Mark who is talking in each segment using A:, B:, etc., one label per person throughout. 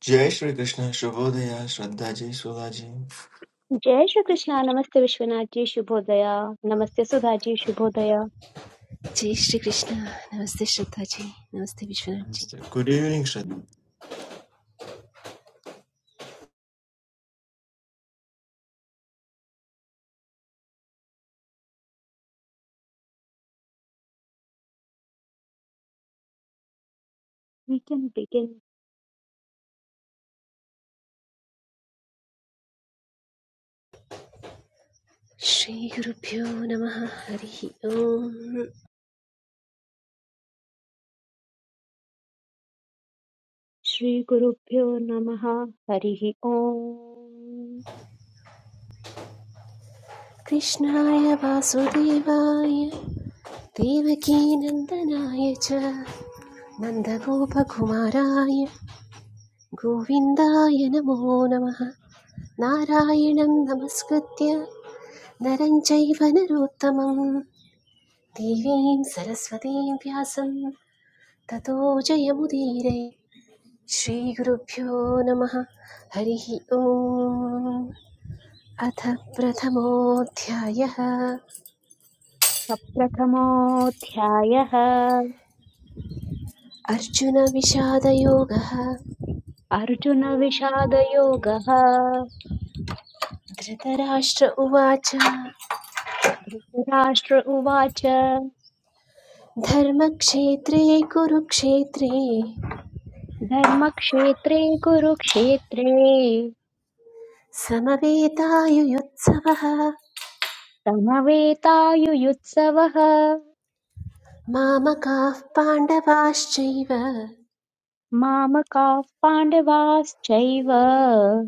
A: Jai Shri Krishna Shubhodaya Shraddha Ji Sulaji
B: जय श्री कृष्णा नमस्ते विश्वनाथ जी शुभोदया नमस्ते सुधा जी शुभोदया
C: जय श्री कृष्ण नमस्ते श्रद्धा जी नमस्ते Vishwanath ji
A: Namaste Good evening Shraddha
B: we can begin
C: श्री गुरुभ्यो नमः हरि ओम
B: श्री गुरुभ्यो नमः हरिः ओम
C: कृष्णाय वासुदेवाय देवकी नंदनाय च नंदगोपकुमाराय गोविन्दाय नमो नमः नारायणं नमस्कृत्य नरं चैव नरोत्तमं देवीं सरस्वतीं व्यासं ततो जयमुदीरये श्रीगुरुभ्यो नमः हरिः ओम् अथ प्रथमोऽध्यायः
B: सप्रथमोऽध्यायः
C: अर्जुनविषादयोगः
B: अर्जुन विषाद योगः
C: धृतराष्ट्र उवाच
B: राष्ट्र उवाच
C: धर्मक्षेत्रे कुरुक्षेत्रे
B: धर्मक्षेत्रे कुरुक्षेत्रे
C: समवेतायुयुत्सवः
B: समवेतायुयुत्सवः
C: मामकाः पाण्डवाश्चैव
B: मामकाः पाण्डवाश्चैव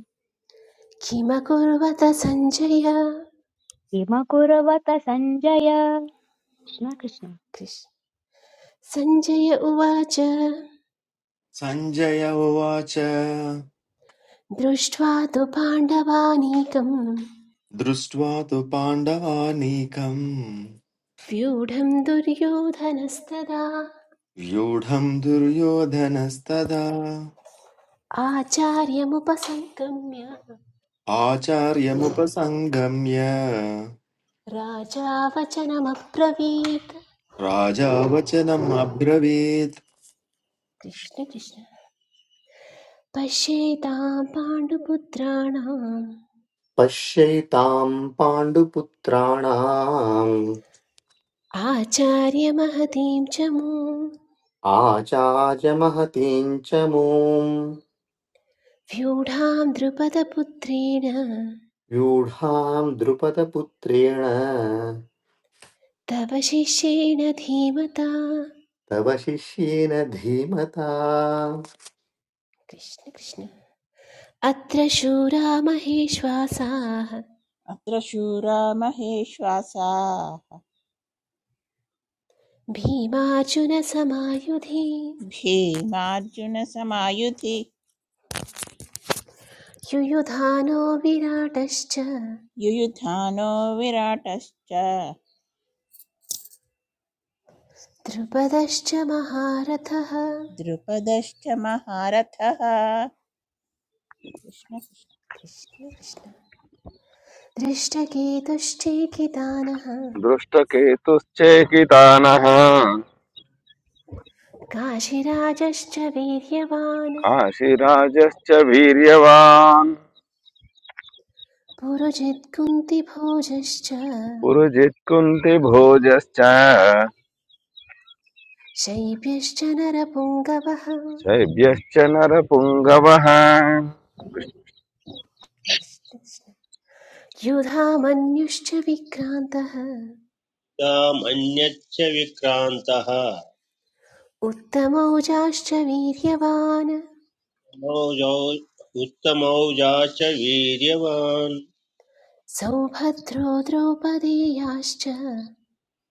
C: किमकुर्वत सञ्जय
B: किमकुर्वत सञ्जय कृष्ण कृष्ण
C: कृष्ण सञ्जय उवाच
A: Sanjaya Uvacha
C: दृष्ट्वा तु पाण्डवानीकम्
A: Drushtva tu Pandavanikam
C: व्यूढं दुर्योधनस्तदा
A: Vyudham Duryodhanastada
C: आचार्यमुपसङ्गम्य
A: Acharyamupasangamya
C: राजा वचनमब्रवीत्
A: Raja Vachanam Abhravit
C: Krishna Krishna पश्येतां पाण्डुपुत्राणाम्
D: पश्यैतां पाण्डुपुत्राणाम्
C: आचार्यमहतीं च मूं
D: आचार्यमहतीं च मूं
C: व्यूढां द्रुपदपुत्रेण
D: व्यूढां द्रुपदपुत्रेण
C: तव शिष्येण धीमता
D: तव शिष्येन धीमता
C: कृष्ण कृष्ण अत्र शूरा महेश्वासाः
E: अत्र शूरा महेश्वासाः
C: भीमार्जुनसमायुधि
E: भीमार्जुनसमायुधि
C: युयुधानो विराटश्च
E: युयुधानो विराटश्च
C: द्रुपदश्च महारथः
E: द्रुपदश्च महारथः कृष्ण कृष्ण।
C: कृष्ण कृष्ण दृष्टकेतुश्चैकितानः
F: दृष्टकेतुश्चेकितानः
C: काशिराजश्च वीर्यवान्
F: काशीराजश्च वीर्यवान्
C: पुरुजित्कुन्तिभोजश्च
F: पुरुजित्कुन्तिभोजश्च
C: शैब्यश्च नरपुङ्गवः
F: शैव्यश्च नरपुङ्गवः
C: कृष्ण कृष्ण युधामन्युश्च विक्रान्तः
G: मन्यच्च विक्रान्तः
C: उत्तमौजाश्च वीर्यवान्
G: मौजौ- उत्तमौजा च वीर्यवान्
C: सौभद्रो द्रौपदेयाश्च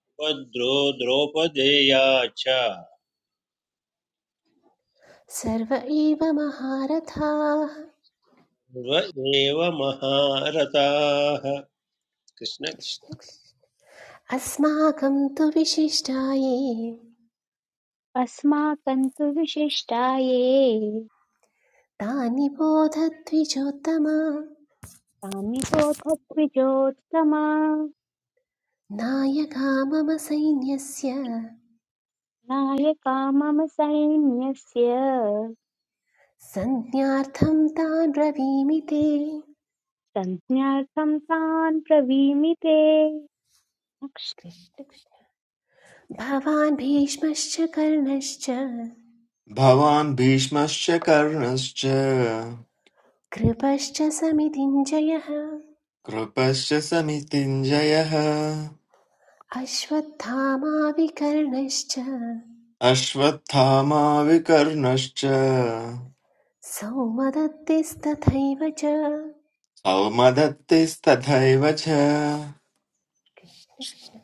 G: उपद्रो द्रौपदेया च
C: सर्व एव महारथाः
G: सर्व एव महारथाः कृष्ण
C: कृष्ण
G: कृष्ण
C: कृष्ण। अस्माकं तु विशिष्टाये
B: अस्माकं तु विशिष्टाये
C: तानि बोधद्विजोत्तम
B: सामिपोऽथ द्विजोत्तम
C: नायका मम सैन्यस्य
B: नायका मम सैन्यस्य
C: संज्ञार्थं तान् ब्रवीमि ते
B: सञ्ज्ञार्थं तान् प्रवीमिते
C: कृष्ण कृष्ण। भवान् भीष्मश्च कर्णश्च
A: Bhavan Bhishmascha Karnascha
C: कृपश्च समितिञ्जयः
A: Krupascha Samitinjayah
C: अश्वत्थामा विकर्णश्च
A: अश्वत्थामा विकर्णश्च
C: सौमदत्तिस्तथैव च
A: सौमदत्तिस्तथैव च
C: कृष्ण कृष्ण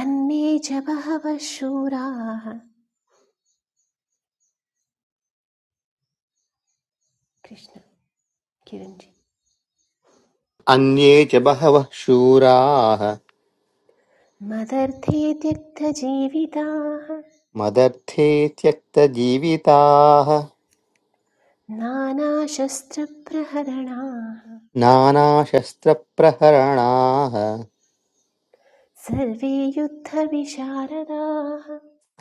C: अन्ये च बहवः शूराः कृष्ण किरञ्जि
D: अन्ये च बहवः शूराः
C: मदर्थे त्यक्तजीविताः
D: मदर्थे त्यक्तजीविताः
C: नानाशस्त्रप्रहरणाः
D: नानाशस्त्रप्रहरणाः
C: सर्वे युद्धविशारदाः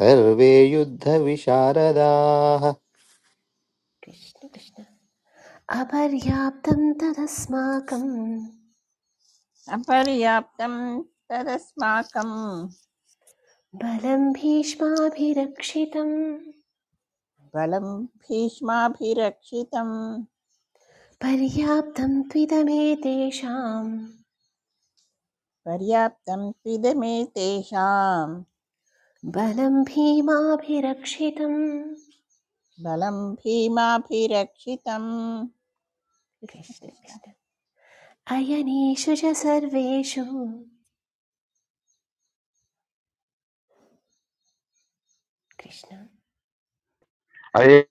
D: सर्वे युद्धविशारदाः
C: कृष्ण कृष्ण अपर्याप्तं तदस्माकं
E: अपर्याप्तं तदस्माकं
C: बलं भीष्माभिरक्षितं
E: बलं भीष्माभिरक्षितं
C: पर्याप्तं त्विदमेतेषां
E: पर्याप्तं त्विदमे तेषां
C: बलं भीमाभिरक्षितम्
E: बलं भीमाभिरक्षितं कृष्ण
C: कृष्ण
E: कृष्ण
C: कृष्ण अयनेषु च सर्वेषु कृष्ण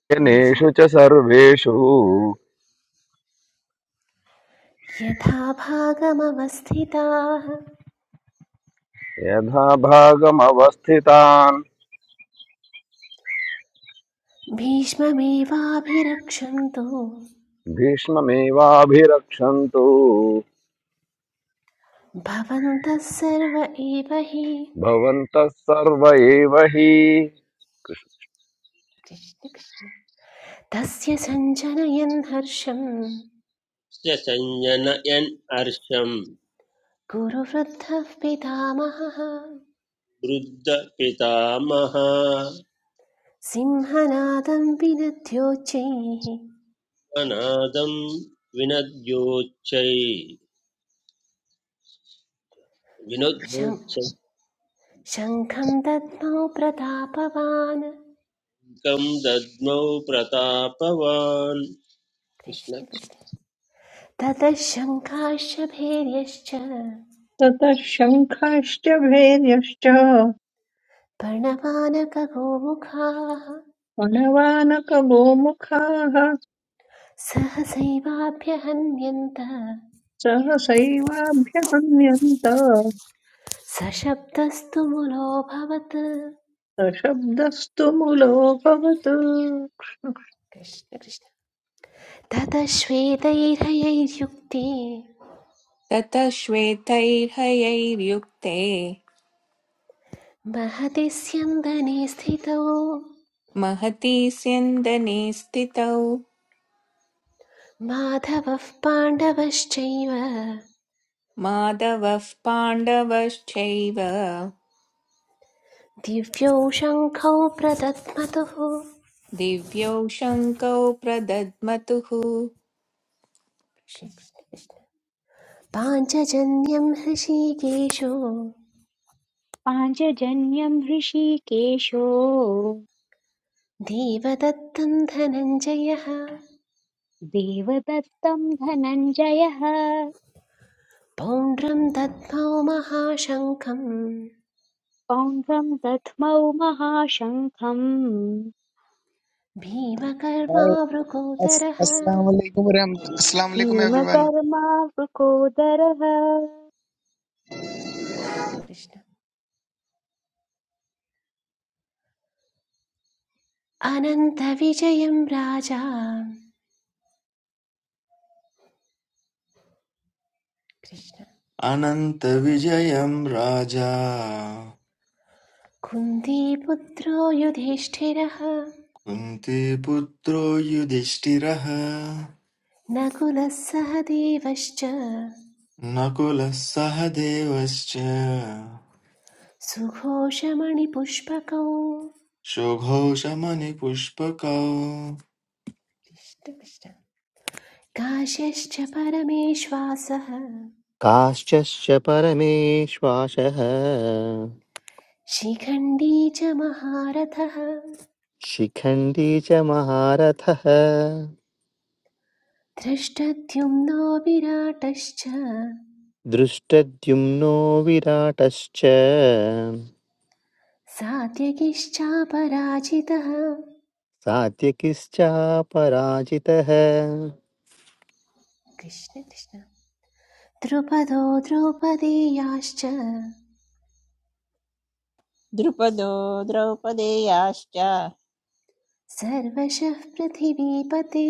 C: मुरळीजी
F: च सर्वेषु
C: यथा भागमवस्थिताः
F: यथा भागमवस्थितान्
C: भीष्ममेवाभिरक्षन्तु
F: भीष्ममेवाभिरक्षन्तु
C: भवन्तः सर्व एव हि
F: भवन्तः सर्व एव हि
C: कृष्ण कृष्ण तस्य सञ्जनयन् हर्षं
G: स्य सञ्जनयन् अर्षम्
C: गुरुवृद्धः पितामहः
G: वृद्धपितामह
C: सिंहनादं विनद्योच्चैः
G: अनादं विनद्योच्चै विनोद्योच्चैकं
C: शङ्खं दद्मौ प्रतापवान्
G: दद्मौ प्रतापवान् कृष्ण
C: कृष्ण कृष्ण ततः शङ्काश्च भैर्यश्च
H: ततः शङ्खाश्च भैर्यश्च
C: प्रणवानकगोमुखाः
H: वणवानकगोमुखाः
C: सहसैवाभ्यहन्यन्त
H: सहसैवाभ्यगम्यन्त
C: सशब्दस्तु मुलोऽभवत्
H: सशब्दस्तु मुलोऽभवत्
C: कृष्ण कृष्ण ततः श्वेतैर्हयैर्युक्ते
I: ततः श्वेतैर्हयैर्युक्ते
C: महति स्यन्दने स्थितौ
I: महती स्यन्दने स्थितौ
C: माधवः पाण्डवश्चैव
I: माधवः पाण्डवश्चैव
C: दिव्यौ शङ्खौ प्रदत्मतुः
I: दिव्यौ शङ्कौ प्रदद्मतुः
C: कृष्ण कृष्ण पाञ्चजन्यं हृषीकेशो
B: पाञ्चजन्यं हृषीकेशो
C: देवदत्तं धनञ्जयः
B: देवदत्तं धनञ्जयः
C: पौण्ड्रं दद्मौ महाशङ्खं
B: पौण्ड्रं दध्मौ महाशङ्खम्
J: Hi, As-
C: भीमकर्मावृकोदरः
J: Assalamu alaikum, Ram. Assalamu alaikum, everyone.
B: भीमकर्मासु कोदरः
C: Krishna Krishna अनन्तविजयं राजा कृष्ण
A: अनन्तविजयम् राजा
C: कुन्दीपुत्रो युधिष्ठिरः
A: कुन्तीपुत्रो युधिष्ठिरः
C: नकुलः सह देवश्च
A: नकुलः सह देवश्च
C: सुघोषमणिपुष्पकौ
A: सुघोषमणिपुष्पकौ
C: कृष्ण कृष्ण काशश्च परमेश्वासः
D: काश्च परमेश्वासः
C: शिखण्डी च महारथः
D: शिखण्डी च महारथः
C: धृष्टद्युम्नो विराटश्च
D: दृष्टद्युम्नो विराटश्च
C: सात्यकिश्चापराजितः
D: सात्यकिश्चापराजितः
C: कृष्ण कृष्ण द्रुपदो द्रौपदेयाश्च
E: द्रुपदो द्रौपदेयाश्च
C: सर्वशः पृथिवीपते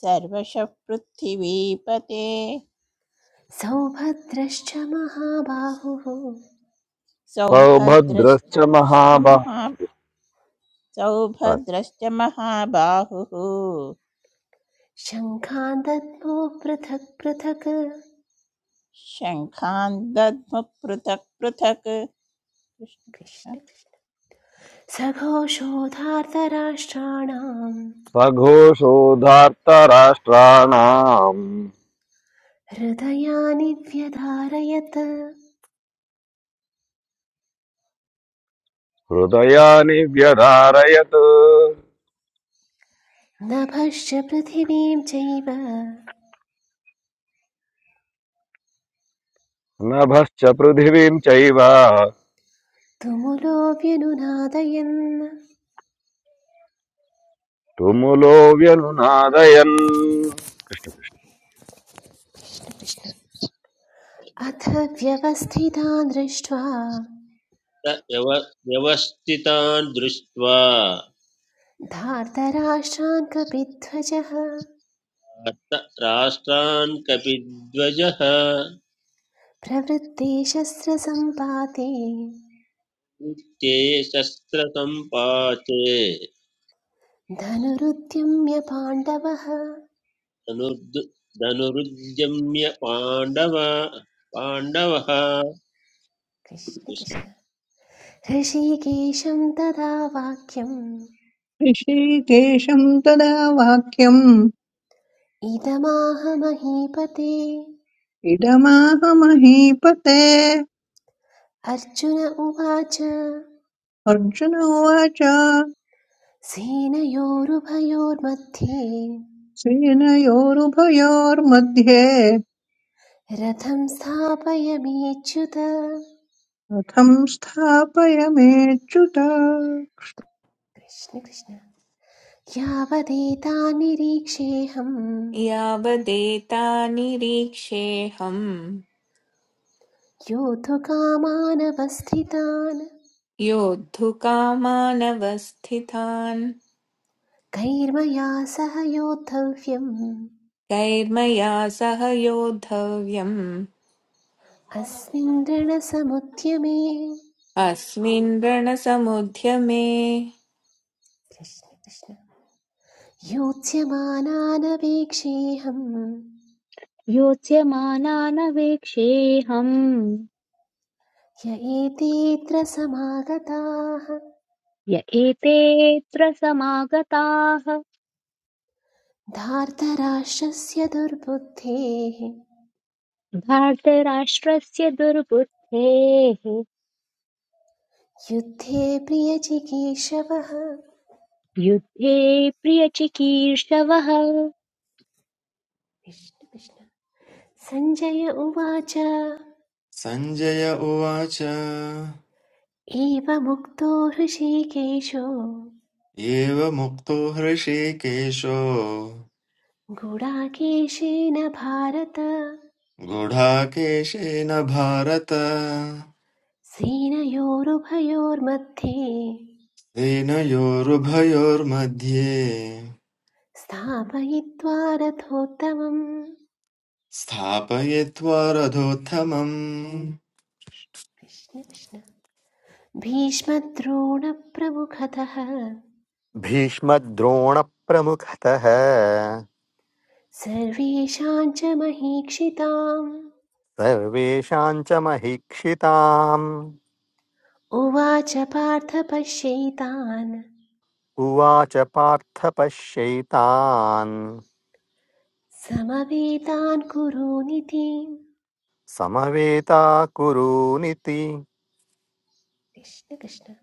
E: सर्वशः पृथिवीपते
C: सौभद्रश्च महाबाहुः
F: सौभद्रश्च
E: सौभद्रश्च
F: महाबाह
E: महा सौभद्रश्च महाबाहुः
C: शङ्खान् दद्मो पृथक् पृथक्
E: शङ्खान् दद्म पृथक् पृथक् कृष्ण कृष्ण
C: कृष्ण कृष्ण सघोषोधार्तराष्ट्राणाम्
F: सघोषोधार्तराष्ट्राणाम्
C: हृदयानि व्यधारयत्
F: हृदयानि व्यधारयत्
C: नभश्च पृथिवीं चैव
F: नभश्च पृथिवीम् चैव
C: तुमुलो व्यनुनादयन्
F: तुमुलो व्यनुनादयन् कृष्ण कृष्ण
C: कृष्ण अथ व्यवस्थितान् दृष्ट्वा
G: च व्यव व्यवस्थितान् दृष्ट्वा
C: धार्तराष्ट्रान् कपिध्वजः
G: रा- राष्ट्रान् कपिध्वजः
C: प्रवृत्ते शस्त्रसम्पाते
G: ते शस्त्रसम्पाते
C: धनुरुद्यम्य पाण्डवः
G: धनुर्द धनुरुद्यम्य पाण्डव पाण्डवः
C: कृष्ण
G: कृष्णया
C: कृष्ण ऋषिकेशं तदा वाक्यम्
H: ऋषिकेशम् तदा वाक्यम्
C: इदमाह महीपते
H: इदमाह महीपते
C: अर्जुन उवाच
H: अर्जुन उवाच
C: सेनयोरुभयोर्मध्ये
H: सेनयोरुभयोर्मध्ये
C: रथं स्थापयमेच्युत
H: रथं स्थापय मेच्युत
C: कृष्ण कृष्ण यावदेतान् निरीक्षेऽहम्
I: यावदेतानिरीक्षेऽहम्
C: योद्धु कामानवस्थितान्
I: योद्धुकामानवस्थितान्
C: कैर्मया सह योद्धव्यम्
I: कैर्मया सह योद्धव्यम्
C: अस्मिन् रणसमुद्यमे
I: अस्मिन् रणसमुद्यमे
C: कृष्ण कृष्ण योत्स्यमानानवेक्षेऽहम्
B: योत्स्यमानान् वेक्षेऽहम्
C: य एतेऽत्र समागताः
B: य एतेऽत्र समागताः
C: धार्तराष्ट्रस्य दुर्बुद्धेः
B: भारतराष्ट्रस्य दुर्बुद्धेः
C: युद्धे प्रियचिकीर्षवः
B: युद्धे प्रियचिकीर्षवः
C: सञ्जय उवाच
A: सञ्जय उवाच
C: एवमुक्तो हृषीकेशो
A: एवमुक्तो हृषीकेशो
C: गुडाकेशेन भारत
A: गुढाकेशेन भारत
C: सेनयोरुभयोर्मध्ये
A: तेनयोरुभयोर्मध्ये
C: स्थापयित्वा रथोत्तमम्
A: स्थापयित्वा रथोत्तमम्
C: कृष्ण कृष्ण भीष्मद्रोणप्रमुखतः
D: भीष्मद्रोणप्रमुखतः
C: सर्वेषां च महीक्षिताम्
D: सर्वेषां च महीक्षिताम्
C: उवाच पार्थ पश्यैतान्
D: उवाच पार्थ पश्यैतान्
C: समवेतान् कुरूनिति
D: समवेता कुरूनिति
C: कृष्ण कृष्ण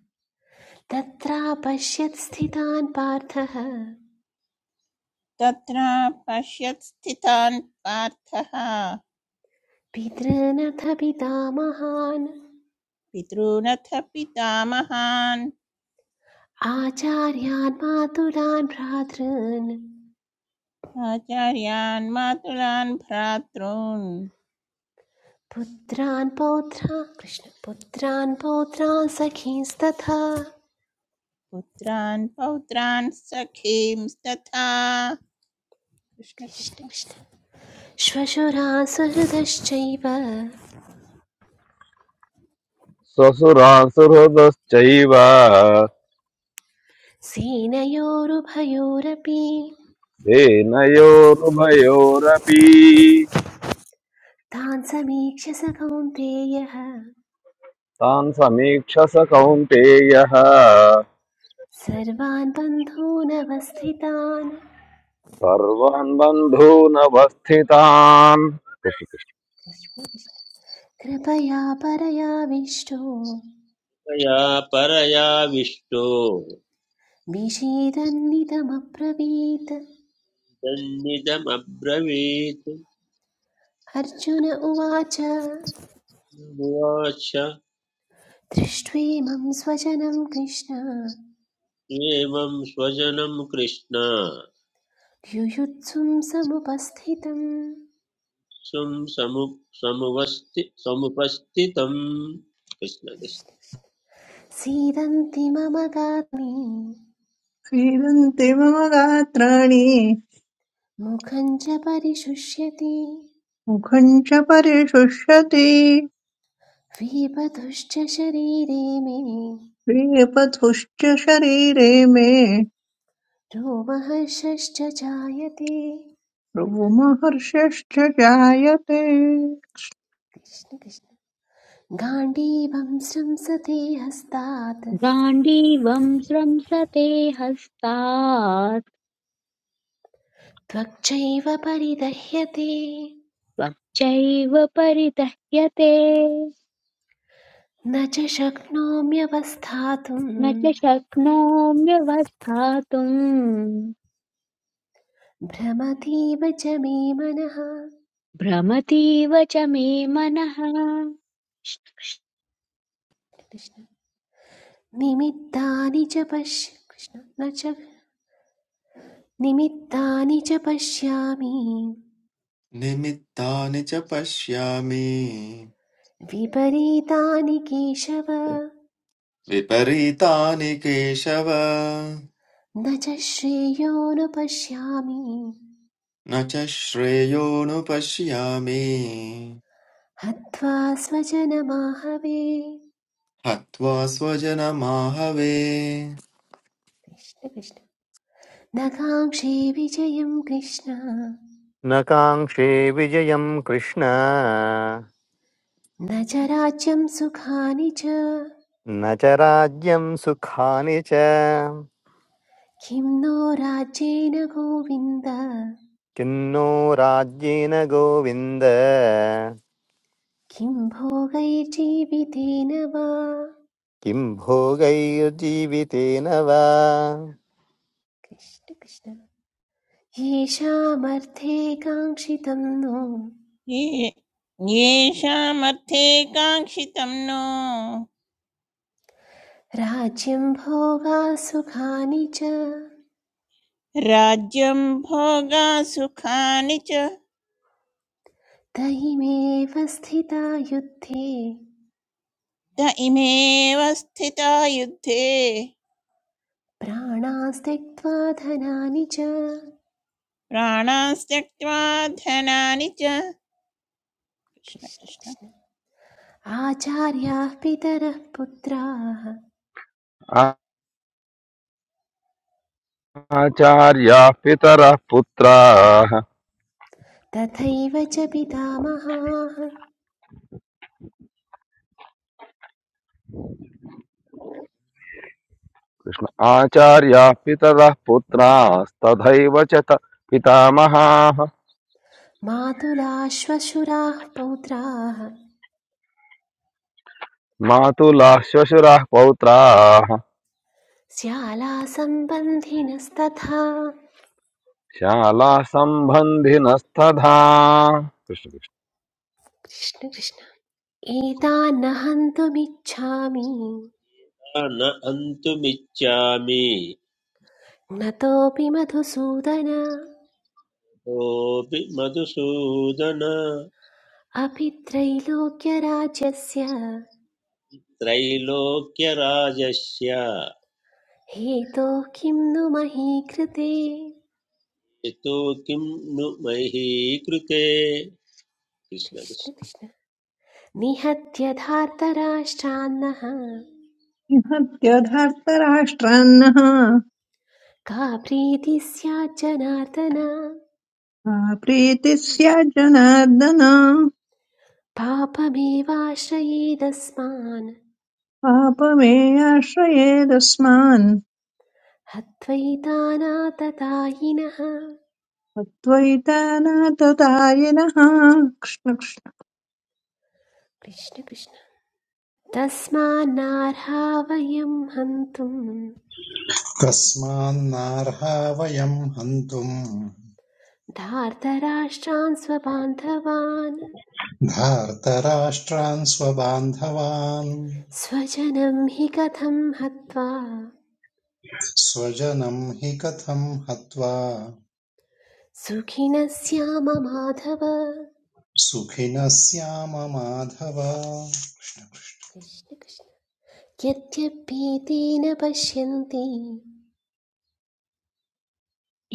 C: तत्रापश्यत् स्थितान् पार्थः
E: तत्र पश्यत् स्थितान् पार्थः
C: पितॄनथ पितामहान्
E: पितॄनथ पितामहान्
C: आचार्यान् मातुलान् भ्रातॄन्
E: आचार्यान् मातुलान् भ्रातॄन्
C: पुत्रान् पौत्रा कृष्ण पुत्रान् पौत्रान् सखींस्तथा
E: पुत्रान् पौत्रान् सखींस्तथा कृष्ण कृष्ण
C: कृष्ण कृष्ण श्वशुरान् सुहृदश्चैव
F: स्वसुरासुहृदश्चैव
C: सेनयोरुभयोरपि
F: सेनयोरुभयोरपि
C: तान् समीक्ष्य स कौन्तेयः
F: तान् समीक्ष स कौन्तेयः
C: सर्वान् बन्धूनवस्थितान्
F: सर्वान् बन्धूनवस्थितान्
C: कृपया परयाविष्टो
G: परयाविष्टो
C: विषीदन्निदमब्रवीत्
G: दन्निदमब्रवीत्
C: अर्जुन उवाच
G: उवाच
C: दृष्ट्वेमं स्वजनं कृष्ण
G: एवं स्वजनं कृष्ण
C: युयुत्सुं समुपस्थितं
G: सं समुपस्थितं समुपस्ति समुपस्थितं कृष्ण कृष्ण
C: सीदन्ति मम गात्मी
H: क्रीडन्ति मम गात्राणि
C: मुखं च परिशुष्यति
H: मुखं च परिशुष्यति
C: वेपतुश्च शरीरे मे
H: प्रियपथुश्च शरीरे मे
C: रोमहर्षश्च जायते
H: भृगुमहर्षश्च जायते
C: कृष्ण कृष्ण गाण्डीवं स्रंसते हस्तात्
B: गाण्डीवम् स्रंसते हस्तात्
C: त्वक्चैव परिदह्यते
B: त्वच्चैव परिदह्यते
C: न च शक्नोम्यवस्थातुं
B: न च शक्नोम्यवस्थातुम्
C: भ्रमतीव च मे मनः
B: भ्रमतीव च मे मनः
C: कृष्ण निमित्तानि च पश्य कृष्ण न च निमित्तानि च पश्यामि
A: निमित्तानि च पश्यामि
C: विपरीतानि केशव
A: विपरीतानि केशव
C: न च श्रेयोनुपश्यामि
A: न च श्रेयोऽनुपश्यामि
C: हत्वा स्वजनमाहवे
A: हत्वा स्वजनमाहवे
C: कृष्ण कृष्ण न काङ्क्षे विजयं कृष्ण
D: न काङ्क्षे विजयं कृष्ण
C: न च राज्यं सुखानि च
D: न च राज्यं सुखानि च
C: किं नो राज्येन गोविन्द
D: किन्नो राज्येन गोविन्द
C: किं भोगैर्जीवितेन वा
D: किं भोगैर्जीवितेन वा
C: कृष्ण कृष्ण येषामर्थे काङ्क्षितं नो
E: ये येषामर्थे काङ्क्षितं नो
C: राज्यं भोगा सुखानि च
E: राज्यं भोगा सुखानि च
C: दहिमेव स्थिता युद्धे
E: त इमेव स्थिता युद्धे
C: प्राणास्त्यक्त्वा धनानि च
E: प्राणास्त्यक्त्वा धनानि च कृष्ण
C: कृष्ण
E: कृष्ण
C: कृष्ण आचार्याः पितरः पुत्राः
F: आचार्याः पितरः पुत्राः
C: तथैव च पितामहाः
F: कृष्ण आचार्याः पितरः पुत्रास्तथैव च त- पितामहाः
C: मातुलाः श्वशुराः पौत्राः
F: मातुलाः श्वशुराः पौत्राः
C: स्याला सम्बन्धिनस्तथा
F: शालाः सम्बन्धिनस्तथा कृष्ण कृष्ण
C: कृष्ण कृष्ण एतान्न हन्तुमिच्छामि
G: न हन्तुमिच्छामि
C: न तोऽपि मधुसूदन
G: कोऽपि मधुसूदन
C: अपि त्रैलोक्यराज्यस्य
G: त्रैलोक्यराजस्य
C: हेतो किं नु मही कृते
G: यतो किं नु मयि कृते कृष्ण
C: कृष्ण
G: कृष्ण
C: कृष्ण निहत्यधार्तराष्ट्रान्नः
H: निहत्यधर्तराष्ट्रान्नः
C: का प्रीति स्यात् जनार्दन
H: का प्रीतिः स्यात् जनार्दन
C: पापमेवाश्रयेदस्मान्
H: पापमे आश्रयेदस्मान्
C: हत्वैतानाततायिनः
H: त्वयितानाततायिनः
C: कृष्ण कृष्ण तस्मान्नार्हा वयं हन्तुं
K: कस्मान्नार्हा वयम् हन्तुम्
C: धार्तराष्ट्रान् स्वबान्धवान्
K: धार्तराष्ट्रान् स्वबान्धवान्
C: स्वजनं हि कथं हत्वा
K: स्वजनम् हि कथम् हत्वा
C: सुखिनः श्याम माधव
K: सुखिनः स्याम माधव
C: कृष्ण कृष्ण यद्यपीतेन पश्यन्ति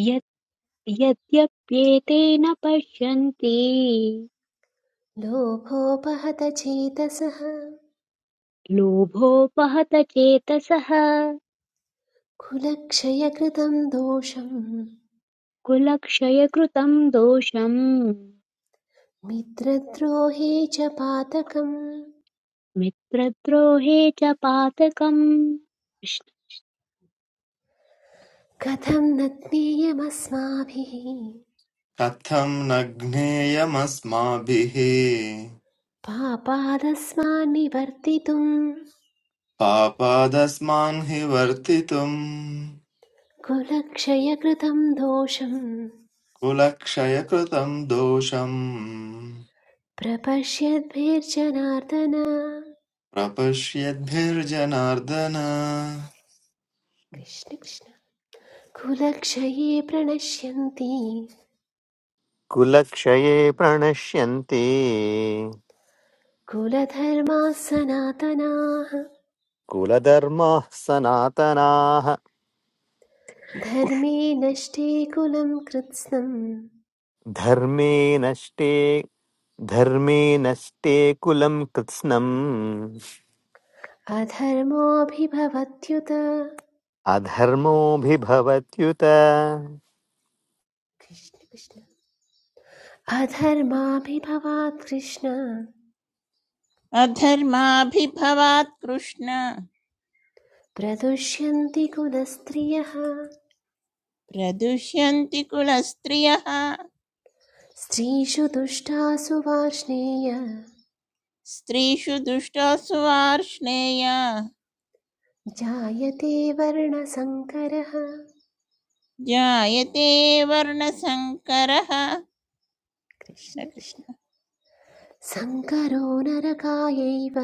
B: यत् यद्यप्येतेन पश्यन्ति
C: लोभोपहत चेतसः
B: लोभोपहत चेतसः
C: कुलक्षयकृतं दोषं
B: कुलक्षयकृतं दोषम्
C: मित्रद्रोहे च पातकं
B: मित्रद्रोहे च पातकम्
C: कथं न ज्ञेयमस्माभिः
A: कथं न ज्ञेयमस्माभिः
C: पापादस्मान् निवर्तितुं
A: पापादस्मान् हि वर्तितुम्
C: कुलक्षयकृतं दोषं
A: कुलक्षयकृतं दोषं
C: प्रपश्यद्भिर्जनार्दन
A: प्रपश्यद्भिर्जनार्दन
C: कृष्ण कृष्ण कुलक्षये प्रणश्यन्ति
D: कुलक्षये प्रणश्यन्ति
C: कुलधर्माः सनातनाः
D: कुलधर्माः सनातनाः
C: धर्मे नष्टे कुलं कृत्स्नम्
D: धर्मे नष्टे धर्मे नष्टे कुलं कृत्स्नम्
C: अधर्मोऽभिभवत्युत
D: अधर्मोऽभिभवत्युत
C: कृष्ण कृष्ण अधर्माभिभवात् कृष्ण
E: अधर्माभिभवात् कृष्ण
C: प्रदुष्यन्ति कुलस्त्रियः
E: प्रदुष्यन्ति कुलस्त्रियः
C: स्त्रीषु दुष्टासु वार्ष्णेय
E: स्त्रीषु दुष्टासु वार्ष्णेय
C: जायते वर्णसङ्करः
E: जायते वर्णसङ्करः कृष्ण
C: कृष्ण कृष्ण
E: कृष्ण
C: सङ्करो नरकायैव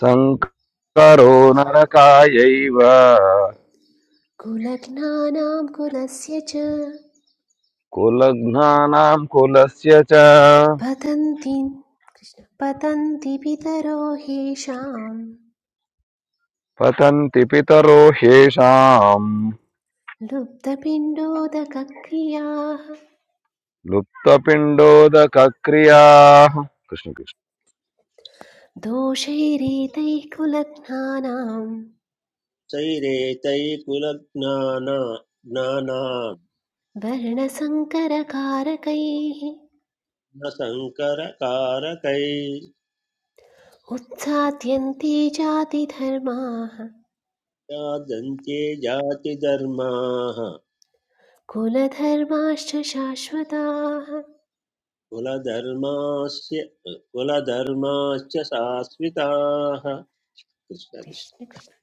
F: सङ्करो
C: कृष्ण
F: नरकायैव
C: कुलघ्नानां कुलस्य च
F: कुलघ्नानां कुलस्य च
C: पतन्ति कृष्ण पतन्ति पितरो ह्येषां
F: पतन्ति पितरो ह्येषाम्
C: लुप्तपिण्डोदकक्रियाः
F: लुप्तपिण्डोदकक्रियाः कृष्ण कृष्ण
C: दोषैरेतैः कुलघ्नानां
G: सैरेतैकुलज्ञाना ज्ञानां
C: वर्णसङ्करकारकैः
G: न सङ्करकारकै
C: उत्साद्यन्ते जातिधर्माः
G: जादन्ते जातिधर्माः
C: कुलधर्माश्च शाश्वताः
G: कुलधर्मास्य कुलधर्माश्च शाश्विताः
C: कृष्ण कृष्ण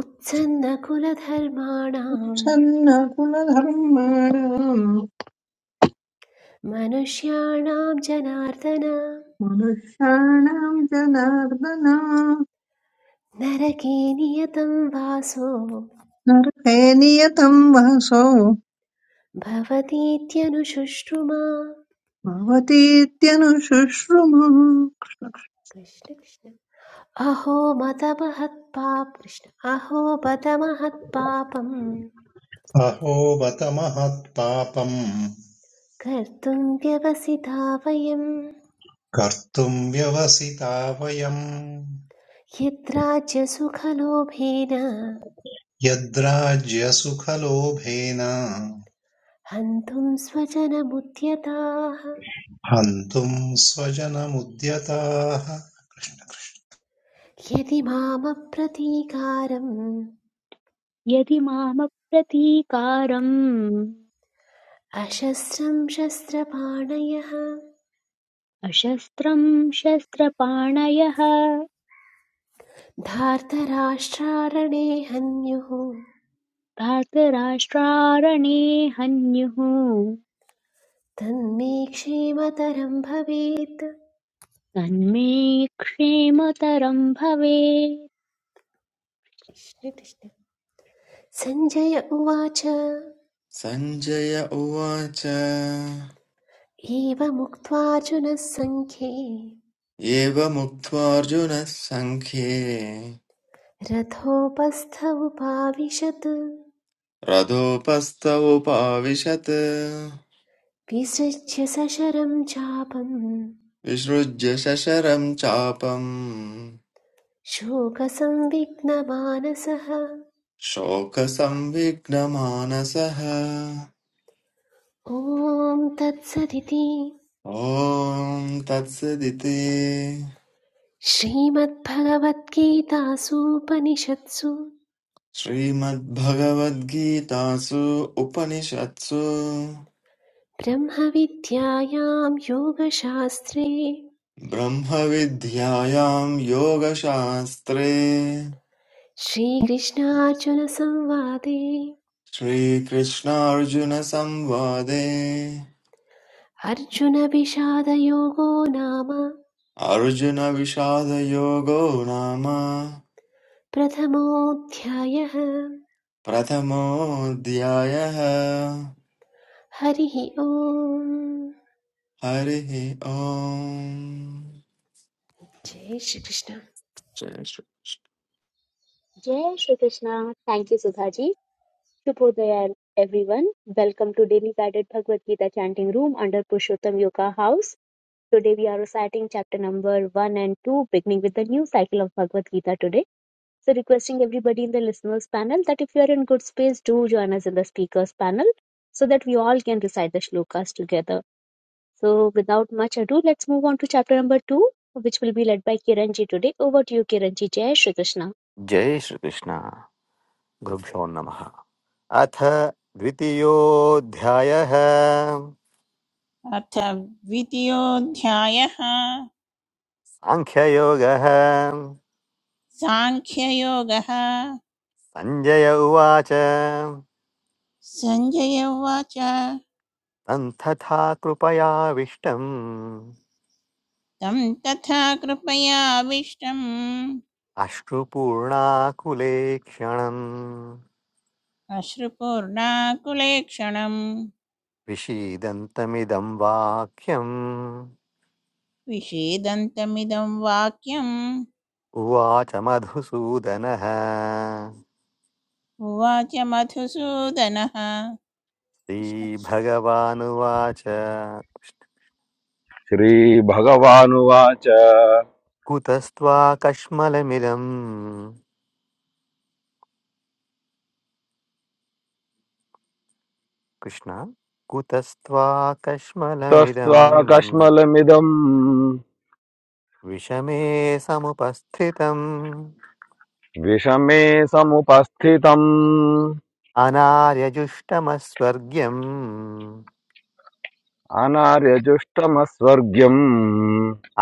C: उत्सन्नकुलधर्माणाम्
H: कृष्णकृष्णसन्नकुलधर्माणाम्
C: मनुष्याणां जनार्दन
H: मनुष्याणाम् जनार्दन
C: नरके नियतं वासो
H: नरके नियतं वासो
C: भवतीत्यनुशुश्रुमा
H: भवतीत्यनुशुश्रुमः
C: कृष्ण कृष्ण अहो मतमहत्पाप कृष्ण अहो मतमहत्पापं
K: अहो बत महत्पापम्
C: कर्तुं व्यवसिता वयं
K: कर्तुम् व्यवसिता वयम्
C: यद्राज्यसुखलोभेन
K: यद्राज्यसुखलोभेन
C: हन्तुं स्वजनमुद्यताः
K: हन्तुम् स्वजनमुद्यताः
C: यदि मामप्रतीकारम्
B: यदि मामप्रतीकारम्
C: अशस्त्रं शस्त्रपाणयः
B: अशस्त्रं शस्त्रपाणयः
C: धार्तराष्ट्रारणे हन्युः
B: धातराष्ट्रारणे हन्युः
C: तन्मे क्षेमतरं भवेत्
B: तन्मे क्षेमतरं भवेत्
C: सञ्जय उवाच
A: सञ्जय उवाच
C: एवमुक्त्वार्जुनः सङ्ख्ये
A: एवमुक्त्वार्जुनः सङ्ख्ये
C: रथोपस्थ उपाविशत्
A: रथोपस्थ उपाविशत्
C: विसृज्य सशरं चापं
A: विसृज्य शशरं चापम्
C: शोकसंविघ्नमानसः
A: शोकसंविघ्नमानसः
C: ॐ तत्सदिति
A: ॐ तत्सदिति
C: श्रीमद्भगवद्गीतासूपनिषत्सु
A: श्रीमद्भगवद्गीतासु उपनिषत्सु
C: ब्रह्मविद्यायां योगशास्त्रे
A: ब्रह्मविद्यायां योगशास्त्रे
C: श्रीकृष्णार्जुनसंवादे
A: श्रीकृष्णार्जुनसंवादे
C: अर्जुनविषादयोगो नाम
A: अर्जुनविषादयोगो नाम
C: प्रथमोऽध्यायः
A: प्रथमोऽध्यायः
C: हरिः ओम्
A: हरिः ओम्
C: जय श्रीकृष्ण
A: जय Shri-
B: Jai Shri Krishna. Thank you, Sudhaji. Shubhodaya, everyone. Welcome to Daily Guided Bhagavad Gita Chanting Room under Purushottam Yoga House. Today we are reciting chapter number 1 and 2, beginning with the new cycle of Bhagavad Gita today. So, requesting everybody in the listeners panel that if you are in good space, do join us in the speakers panel so that we all can recite the shlokas together. So, without much ado, let's move on to chapter number two, which will be led by Kiranji today. Over to you, Kiranji. Jai Shri Krishna.
D: जय श्रीकृष्ण गुरुभ्यो नमः अथ द्वितीयोऽध्यायः
E: अथ द्वितीयोऽध्यायः
D: साङ्ख्ययोगः
E: साङ्ख्ययोगः
D: सञ्जय उवाच तं
E: सञ्जय उवाच
D: तथा कृपयाविष्टम्
E: तं तथा कृपयाविष्टम्
D: अश्रुपूर्णाकुले क्षणम्
E: अश्रुपूर्णाकुलेक्षणम्
D: विषीदन्तमिदं वाक्यम्
E: विषेदन्तमिदं वाक्यम्
D: उवाच मधुसूदनः
E: उवाच मधुसूदनः कृष्ण कृष्ण।
D: श्रीभगवानुवाच
F: श्रीभगवानुवाच
D: कुतस्त्वा कश्मलमिदम् कृष्ण कुतस्त्वाकश्मलमिदम्
F: तस्त्वाकश्मलमिदम्
D: विषमे समुपस्थितम्
F: विषमे समुपस्थितम्
D: अनार्यजुष्टमस्वर्ग्यम्
F: अनार्यजुष्टमस्वर्ग्यम्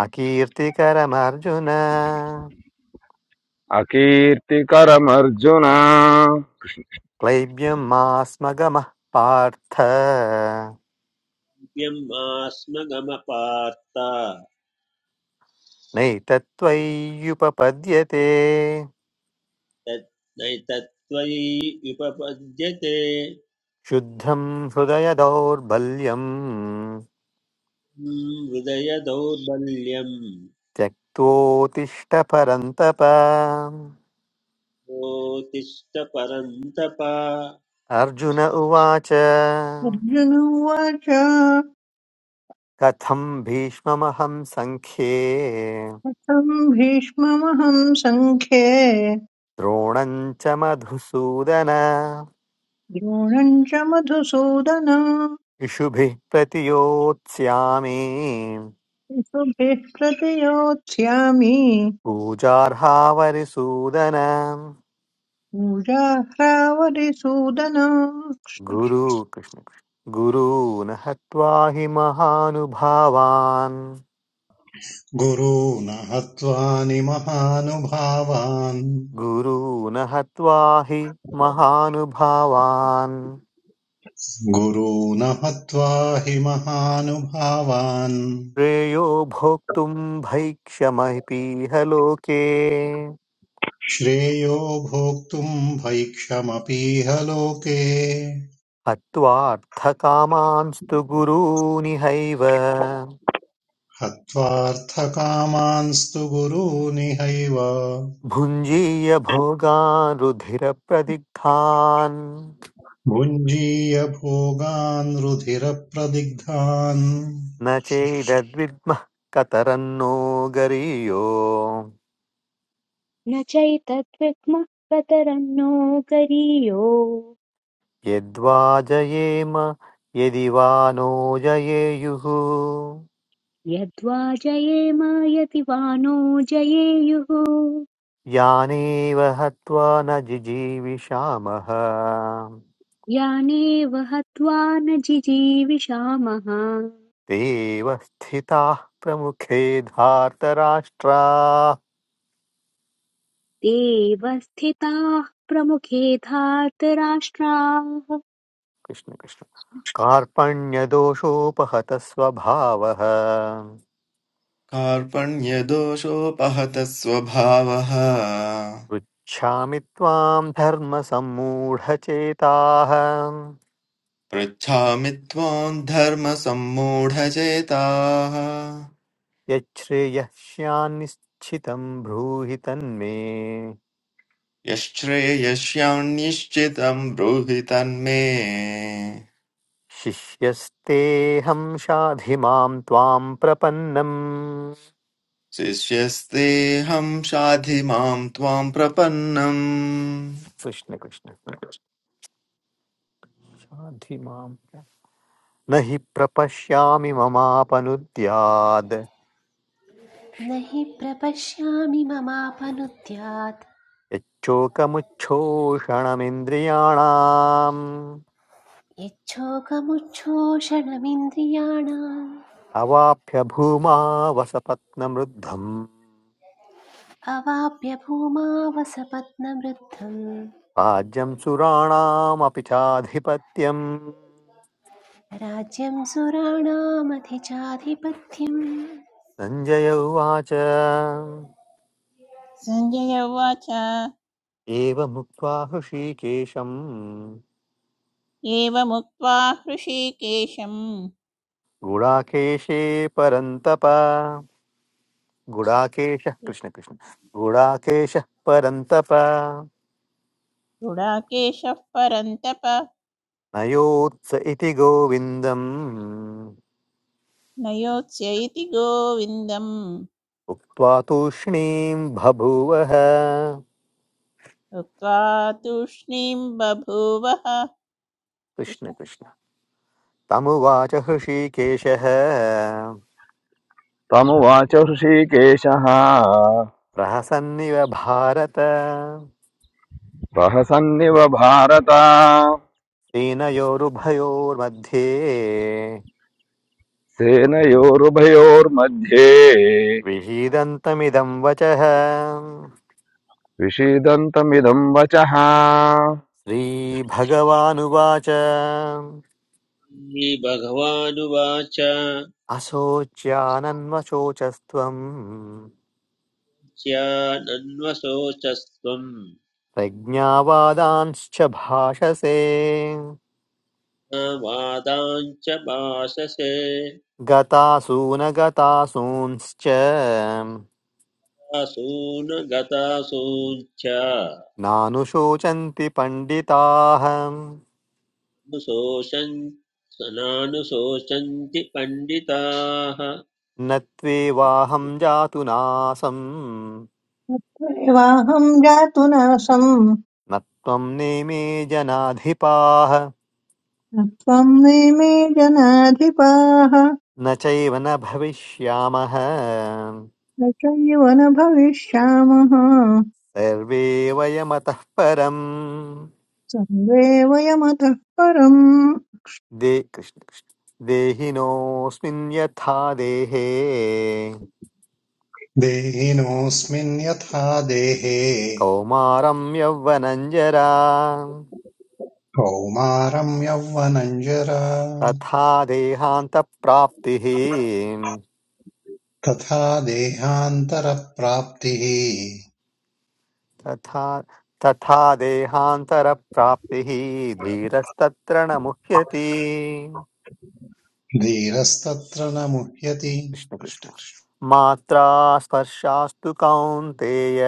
D: अकीर्तिकरमर्जुन
F: अकीर्तिकरमर्जुन
D: क्लैब्यम् मा स्म गमः पार्थ
G: कृष्णकृष्णम्मास्मगमपार्थ
D: नैतत्त्वय्युपपद्यते
G: नैतत्त्वयि उपपद्यते
D: शुद्धं हृदय दौर्बल्यम्
G: म् हृदय दौर्बल्यम्
D: त्यक्तोतिष्ठ परन्तप
G: तिष्ठ परन्तपा
D: अर्जुन
G: कृष्ण
D: उवाच
H: अर्जुन उवाच
D: कथं भीष्ममहं संख्ये
H: कथं भीष्ममहं सङ्ख्ये
D: द्रोणम् च मधुसूदन
H: द्रोणं च मधुसूदनं
D: इषुभिः प्रतियोत्स्यामि
H: शिशुभिः प्रतियोत्स्यामि
D: पूजार्हावरिसूदन
H: पूजाह्रावरिसूदनं
D: गुरु कृष्ण कृष्ण। गुरून् हत्वा हि महानुभावान्
K: गुरून् हत्वा निमहानुभावान्
D: गुरून् हत्वा हि महानुभावान्
K: गुरून् हत्वा हि महानुभावान्
D: श्रेयो भोक्तुम् भैक्षमपीह लोके
K: श्रेयो भोक्तुम् भैक्षमपीह लोके
D: हत्वार्थकामांस्तु गुरूनिहैव
K: हत्वार्थकामांस्तु गुरूनिहैव
D: भुञ्जीय भोगान् रुधिरप्रदिग्धान्
K: भुञ्जीय भोगान् रुधिरप्रदिग्धान्
D: न चैरद्विद्मः कतरन्नो गरीयो
B: न चैतद्विद्मः कतरन्नो गरीयो
D: यद्वा जयेम यदि वा नो जयेयुः
B: यद्वा जयेम यदि वा नो जयेयुः
D: यानेव हत्वा न जिजीविषामः
B: यानेव हत्वा न जिजीविषामः
D: ते एव स्थिताः प्रमुखे धार्तराष्ट्राः
B: देव स्थिताः प्रमुखे धार्तराष्ट्राः
D: कृष्णकृष्ण कार्पण्यदोषोपहतस्वभावः
A: कार्पण्यदोषोपहतः स्वभावः
D: पृच्छामि त्वां धर्मसम्मूढचेताः
A: पृच्छामि त्वाम् धर्मसम्मूढचेताः
D: यच्छ्रेयः स्यान्निश्चितं ब्रूहि तन्मे
A: यश्श्रेयस्यान्निश्चितम् ब्रूहि तन्मे
D: शिष्यस्तेऽहं शाधि मां त्वां प्रपन्नम्
A: शिष्यस्तेऽहं शाधि माम् त्वां प्रपन्नम्
D: कृष्णकृष्ण शाधि मां न हि प्रपश्यामि ममापनुद्याद्
C: न हि प्रपश्यामि ममापनुद्यात्
D: यच्चोकमुच्छोषणमिन्द्रियाणाम्
C: यच्छोकमुच्छोषणमिन्द्रियाणाम्
D: अवाप्य भूमा वसपत्नमृद्धम्
C: अवाप्य भूमावसपत्नवृद्धं
D: राज्यं सुराणामपि चाधिपत्यम्
C: राज्यं सुराणामधिचाधिपत्यम्
D: सञ्जय उवाच
E: सञ्जय उवाच
D: एवमुक्त्वा हृषीकेशम्
E: एवमुक्त्वा हृषीकेशम्
D: गुडाकेशे परन्तप गुडाकेशः कृष्णकृष्ण गुडाकेशः परन्तप
E: गुडाकेशः परन्तप
D: नयोत्स इति गोविन्दम्
E: नयोत्स्य इति गोविन्दम्
D: उक्त्वा तूष्णीं बभूवः
E: उक्त्वा तूष्णीं बभूवः
D: कृष्ण
E: कृष्ण।
D: कृष्ण तमुवाच हृषीकेशः
F: तमुवाच ऋषिकेशः
D: प्रहसन्निव भारत
F: सहसन्निव भारत
D: सेनयोरुभयोर्मध्ये
F: सेनयोरुभयोर्मध्ये
D: विहीदन्तमिदं वचः
F: विषीदन्तमिदम् वचः
D: श्रीभगवानुवाच
G: मे भगवानुवाच
D: अशोच्यानन्वशोचस्त्वम्
G: स्यानन्वशोचस्त्वम्
D: प्रज्ञावादांश्च भाषसे
G: न वादाञ्च भाषसे
D: गतासूनगतासूंश्च
G: सून गतासूञ्च
D: नानुशोचन्ति पण्डिताः
G: अनुशोषन् नानुशोषन्ति पण्डिताः
D: नत्वेवाहं त्वेवाहं जातु नासं
H: एवाहं जातु नासं
D: न त्वं नेमे जनाधिपाः
H: न त्वं नेमे जनाधिपाः
D: न चैव न भविष्यामः
H: न चैव न भविष्यामः
D: सर्वे वयमतः परम्
H: सर्वे वयमतः परम्
D: दे कृष्ण कृष्ण। देहिनोऽस्मिन् यथा देहे
K: देहिनोऽस्मिन् यथा देहे
D: कौमारं यौवनञ्जरा
K: कौमारम् यौवनम् जरा
D: तथा देहान्तप्राप्तिः
K: तथा देहान्तरप्राप्तिः
D: तथा तथा देहान्तरप्राप्तिः धीरस्तत्र न मुह्यति
K: धीरस्तत्र न मुह्यति
D: कृष्ण कृष्ण मात्रा स्पर्शास्तु कौन्तेय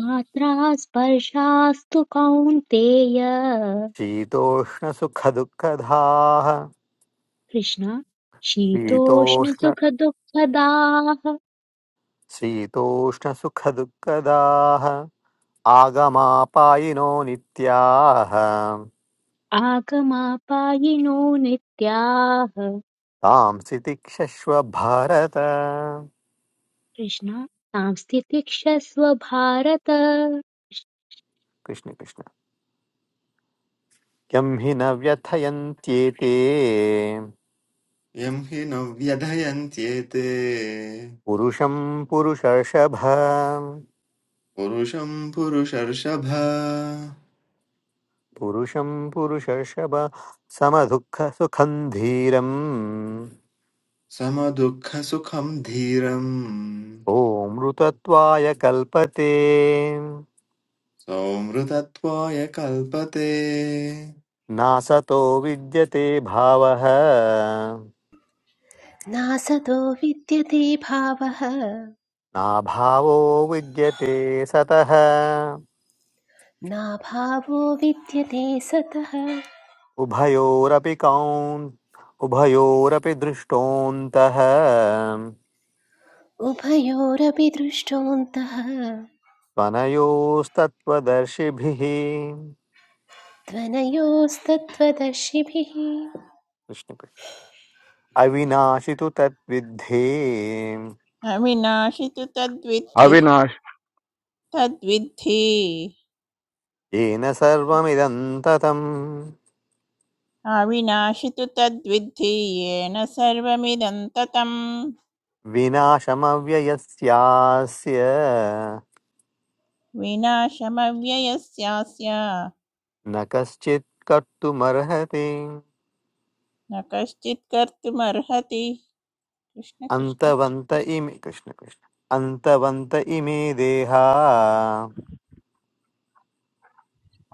B: मात्रा स्पर्शास्तु कौन्तेय
D: शीतोष्णसुखदुःखदाः
B: कृष्णा
D: शीतोष्ण
B: शीतोष्णसुखदुःखदाः
D: शीतोष्णसुखदुःखदाः आगमापायिनो नित्याः
B: आगमापायिनो नित्याः
D: तांसि तिक्षस्व भारत
B: कृष्णा सांस्ति तिक्षस्व भारत
D: कृष्ण कृष्ण यं हि न व्यथयन्त्येते
A: यं हि न व्यधयन्त्येते
D: पुरुषं पुरुषर्षभ
A: पुरुषम् पुरुषर्षभ
D: पुरुषं पुरुषर्षभ समदुःखसुखं धीरम्
A: समदुःखसुखम् धीरम्
D: ॐ कल्पते
A: सौमृतत्वाय कल्पते
D: नासतो विद्यते भावः
C: नासतो विद्यते भावः
D: नाभावो विद्यते सतः
C: नाभावो विद्यते सतः
D: उभयोरपि कौन् उभयोरपि दृष्टोऽन्तः
C: उभयोरपि दृष्टोऽन्तः
D: त्वनयोस्तत्त्वदर्शिभिः
C: त्वनयोस्तत्त्वदर्शिभिः
D: कृष्णकृष्ण अविनाशि तु तद्विद्धि
E: अविनाशि तु तद्विद्धि
F: अविनाश
E: तद्विद्धि
D: येन सर्वमिदं ततम्
E: अविनाशि तु तद्विद्धि येन सर्वमिदं ततम्
D: विनाशमव्ययस्यास्य
E: विनाशमव्ययस्यास्य
D: न कश्चित् कर्तुमर्हति
E: न कश्चित् कर्तुमर्हति कृष्ण कृष्ण
D: अन्तवन्त इमे कृष्णकृष्ण अन्तवन्त इमे देहा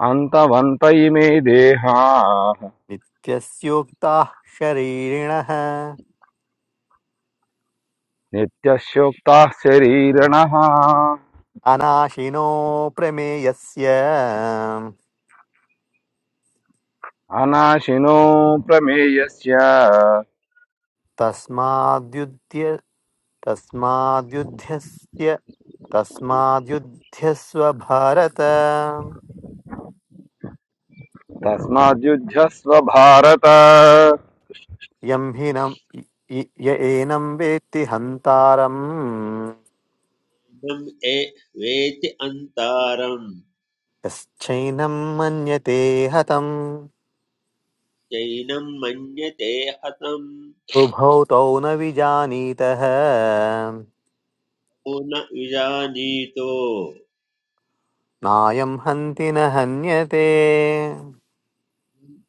F: अन्तवन्त इमे देहा
D: नित्यस्योक्ताः शरीरिणः
F: नित्यस्योक्ताः शरीरिणः
D: अनाशिनो प्रमेयस्य
F: अनाशिनो प्रमेयस्य
D: तस्माद्युद्य तस्माद्युध्यस्य तस्माद्युध्यस्व भारत
F: तस्माद्युध्यस्व भारत
D: यं हिनं य य एनं वेत्ति हन्तारम्
G: इदम् ए वेति अंतारं,
D: यश्चैनं मन्यते हतम्
G: चैनम् मन्यते हतम्
D: उभौ तौ न विजानीतः
G: न विजानीतो
D: नायं हन्ति न हन्यते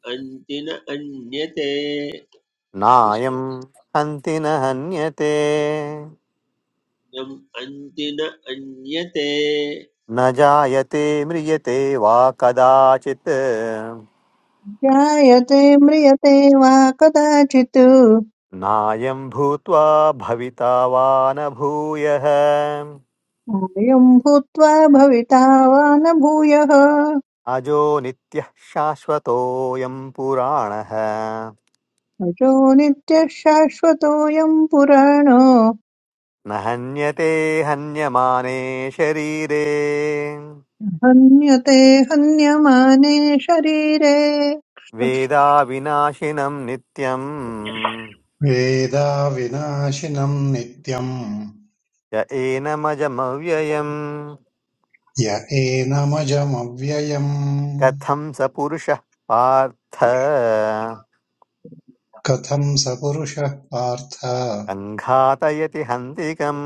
G: अन्ति अन्यते कृष्ण
D: नायं हन्ति न हन्यते
G: इदम् अन्ति अन्यते
D: न जायते म्रियते वा कदाचित्
H: जायते म्रियते वा कदाचित्
D: नायं भूत्वा भविता वा न भूयः
H: कार्यम् भूत्वा भविता वा न भूयः
D: अजो नित्यः शाश्वतोऽयं पुराणः
H: अजो नित्यः शाश्वतोऽयम् पुराणो
D: न हन्यते हन्यमाने शरीरे
H: हन्यते हन्यमाने शरीरे
D: वेदा विनाशिनं नित्यं
K: वेदाविनाशिनम् नित्यम्
D: य एनमजमव्ययम्
K: य एनमजमव्ययम्
D: कथं स पुरुषः पार्थ
K: कथं स पुरुषः पार्थ
D: सङ्घातयति हन्तिकम्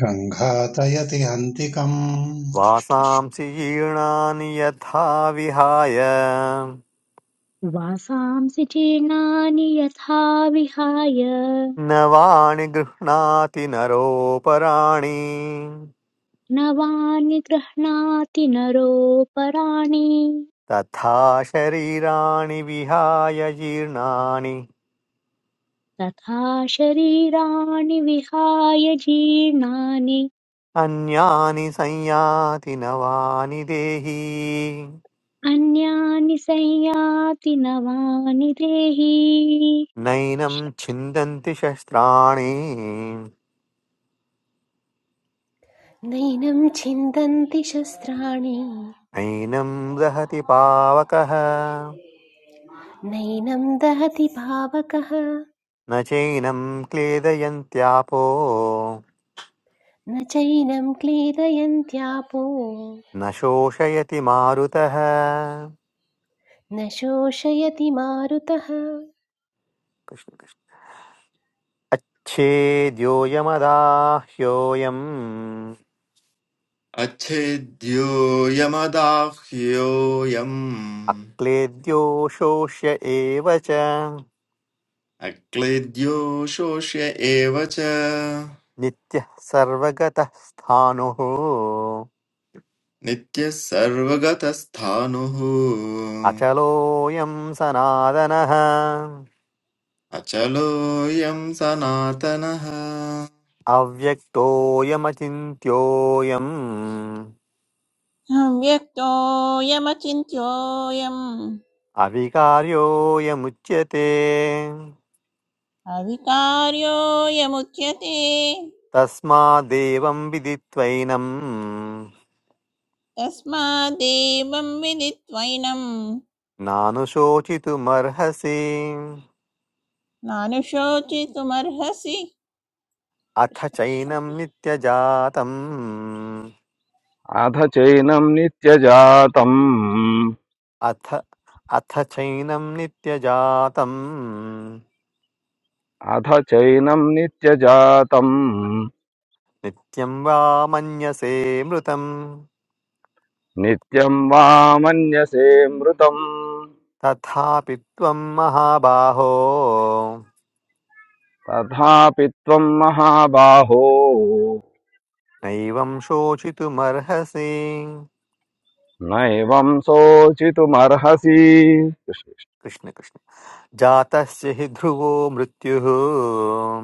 K: कङ्घातयति हन्तिकम्
D: वासांसि जीर्णानि यथा विहाय
B: वासांसि जीर्णानि यथा विहाय
D: न वाणि गृह्णाति नरोपराणि
B: नवानि गृह्णाति नरोपराणि
D: तथा शरीराणि विहाय जीर्णानि
B: तथा शरीराणि विहाय जीर्णानि
D: अन्यानि संयाति नवानि देहि
B: अन्यानि संयाति नवानि देहि
D: नैनं छिन्दन्ति शस्त्राणि
C: नैनं छिन्दन्ति शस्त्राणि
D: नैनं दहति पावकः
C: नैनं दहति पावकः
D: न चैनं क्लेदयन्त्यापो
C: न चैनं क्लेदयन्त्यापो
D: न शोषयति मारुतः
C: न शोषयति मारुतः
D: अच्छेद्योऽयमदाह्योऽयम्
A: अच्छेद्योऽयमदाह्योऽयम्
D: अक्लेद्यो शोष्य एव च
A: अक्लेद्यो शोष्य एव च
D: नित्यः सर्वगतः स्थाणुः
A: नित्यः सर्वगतस्थाणुः
D: अचलोऽयं सनातनः
A: अचलोऽयं सनातनः
D: अव्यक्तोऽयमचिन्त्योऽयम्
E: अव्यक्तोऽयमचिन्त्योऽयम्
D: अविकार्योऽयमुच्यते
E: अविकार्योऽयमुच्यते
D: तस्मादेवं विदित्वैनं
E: तस्मादेवं विदित्वैनं
D: नानुशोचितुमर्हसि
E: नानुशोचितुमर्हसि
D: अथ
E: कृष्ण कृष्ण
D: चैनं नित्यजातम्
F: अथ चैनं नित्यजातम्
D: अथ अथ चैनं नित्यजातम्
F: अथ चैनं नित्यजातम्
D: नित्यं वा मन्यसे मृतम्
F: नित्यं वा मन्यसे मृतम्
D: तथापि त्वं महाबाहो
F: तथापि त्वं महाबाहो
D: नैवं शोचितुमर्हसि
F: नैवं शोचितुमर्हसि
D: कृष्ण कृष्ण जातस्य हि ध्रुवो मृत्युः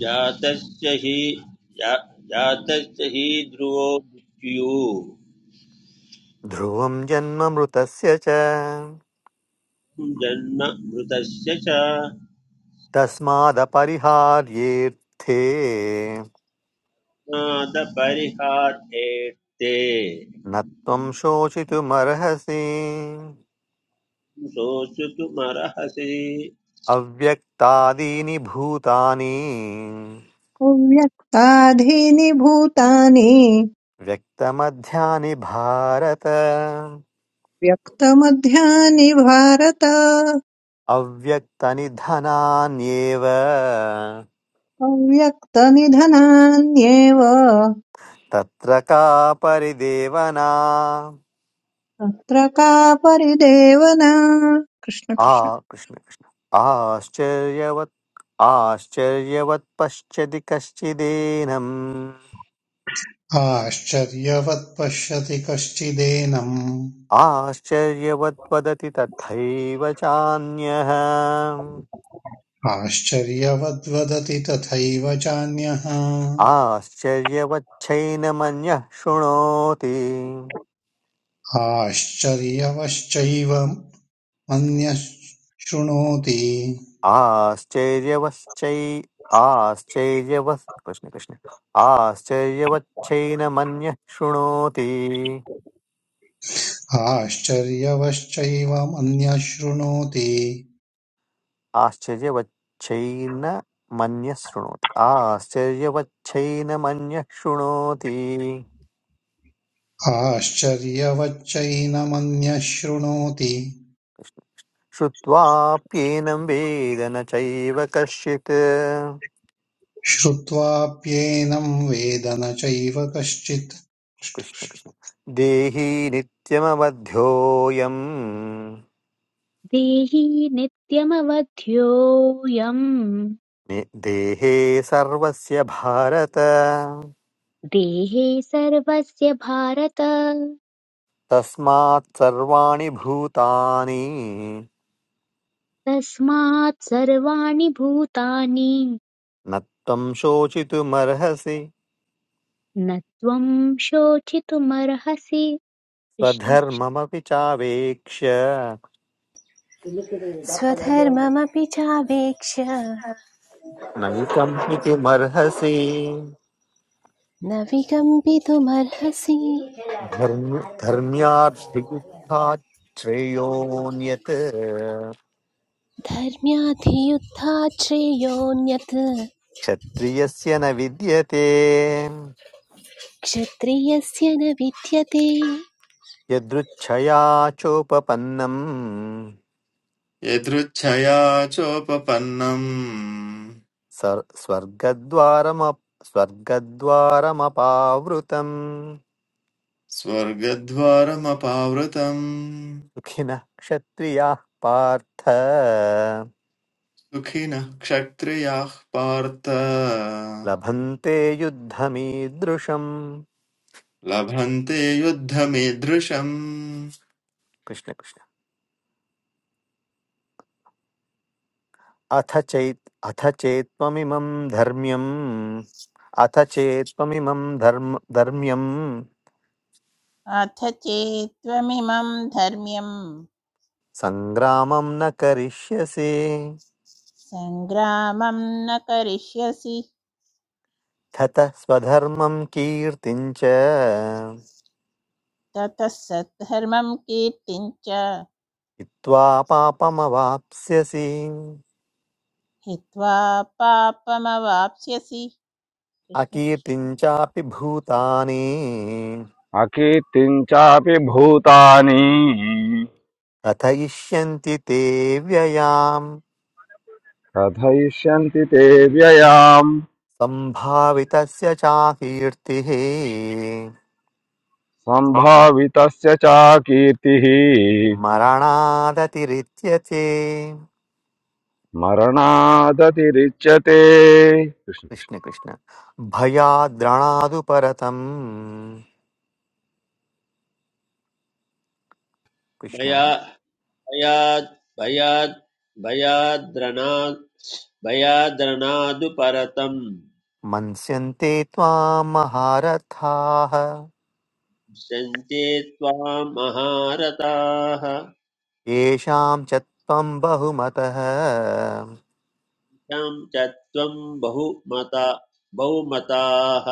G: जातस्य हि जा- जातस्य हि ध्रुवो मृत्युः
D: ध्रुवम् जन्ममृतस्य च
G: जन्म मृतस्य च
D: तस्मादपरिहार्येऽर्थे
G: नादपरिहार्येत्ते
D: न त्वम् शोचितुमर्हसि
G: शोचितुमर्हसि
D: अव्यक्तादीनि भूतानि
H: व्यक्ताधीनि भूतानि
D: व्यक्तमध्यानि भारत
H: व्यक्तमध्यानि भारत
D: अव्यक्तनि धनान्येव
H: अव्यक्तनिधनान्येव
D: तत्र का परिदेवना
H: तत्र का परिदेवना कृष्ण कृष्ण
D: आ कृष्ण कृष्ण आश्चर्यवत् आश्चर्यवत् पश्यति कश्चिदेनम्
K: आश्चर्यवत् पश्यति कश्चिदेनम्
D: आश्चर्यवत् वदति तथैव चान्यः
K: आश्चर्यवद्वदति तथैव चान्यः
D: आश्चर्यवच्छैनमन्यः शृणोति
K: आश्चर्यवश्चैव अन्यः शृणोति
D: आश्चर्यवश्चै आश्चर्यवत् कृष्ण कृष्ण आश्चर्यवच्छैनमन्यः शृणोति
K: आश्चर्यवश्चैवमन्यः शृणोति
D: आश्चर्यवच्छेन मन्यः शृणोति आश्चर्यवच्छेनमन्यः शृणोति
K: आश्चर्यवच्चैनमन्यः शृणोति
D: श्रुत्वाप्येनं वेद न चैव कश्चित्
K: श्रुत्वाप्येनं वेद न चैव कश्चित्
D: कृष्ण कृष्ण देही नित्यमवध्योऽयम्
B: देही नित्यमवध्योऽयम्
D: ने- देहे सर्वस्य भारत
B: देहे सर्वस्य भारत
D: तस्मात् सर्वाणि भूतानि
B: तस्मात् सर्वाणि भूतानि
D: न त्वं शोचितुमर्हसि
B: न त्वं शोचितुमर्हसि कृष्ण
D: स्वधर्ममपि चावेक्ष्य
C: स्वधर्ममपि चावेक्ष्य
D: नैकम्पितुमर्हसि
C: न विकम्पितुमर्हसि
D: धर्म धर्म्यार्थियुक्तात् श्रेयोऽन्यत्
C: धर्म्याधियुद्धात् श्रेयोऽन्यत्
D: क्षत्रियस्य न विद्यते
C: क्षत्रियस्य न विद्यते
D: यदृच्छया चोपपन्नम्
A: यदृच्छया चोपपन्नम्
D: सर्- स्वर्गद्वारमप स्वर्गद्वारमपावृतम्
A: स्वर्गद्वारमपावृतम्
D: सुखिनः क्षत्रियाः पार्थ
A: सुखिनः क्षत्रियाः पार्थ
D: लभन्ते युद्धमीदृशम्
A: लभन्ते युद्धमीदृशम्
D: कृष्ण कृष्ण। अथ चैत् अथ चेत्त्वमिमं धर्म्यम् अथ चेत्त्वमिमं धर्म धर्म्यं
E: अथ चेत्त्वमिमं धर्म्यं
D: सङ्ग्रामं न करिष्यसि
E: सङ्ग्रामं न करिष्यसि
D: ततः स्वधर्मं कीर्तिं च
E: ततः सद्धर्मं कीर्तिं च
D: हित्वा पापमवाप्स्यसि
E: हित्वा पापमवाप्स्यसि कृष्ण
D: अकीर्तिं
E: कृष्ण
D: चापि भूतानि
F: अकीर्तिं चापि भूतानि
D: कथयिष्यन्ति ते व्ययाम्
F: कथयिष्यन्ति ते व्ययाम्
D: सम्भावितस्य चाकीर्तिः
F: सम्भावितस्य च कीर्तिः
D: मरणादतिरिच्यते
F: मरणादतिरिच्यते कृष्ण
D: कृष्ण
F: कृष्ण।
D: कृष्ण भयाद्रणादुपरतम् कृष्ण
G: भया भयात् भयात् भयाद्रणा भयाद्रणादुपरतं
D: मन्स्यन्ते त्वां महारथाः
G: सन्ते त्वां महारथाः
D: येषां च त्वं बहुमतः
G: तं च त्वं बहुमता बहुमताः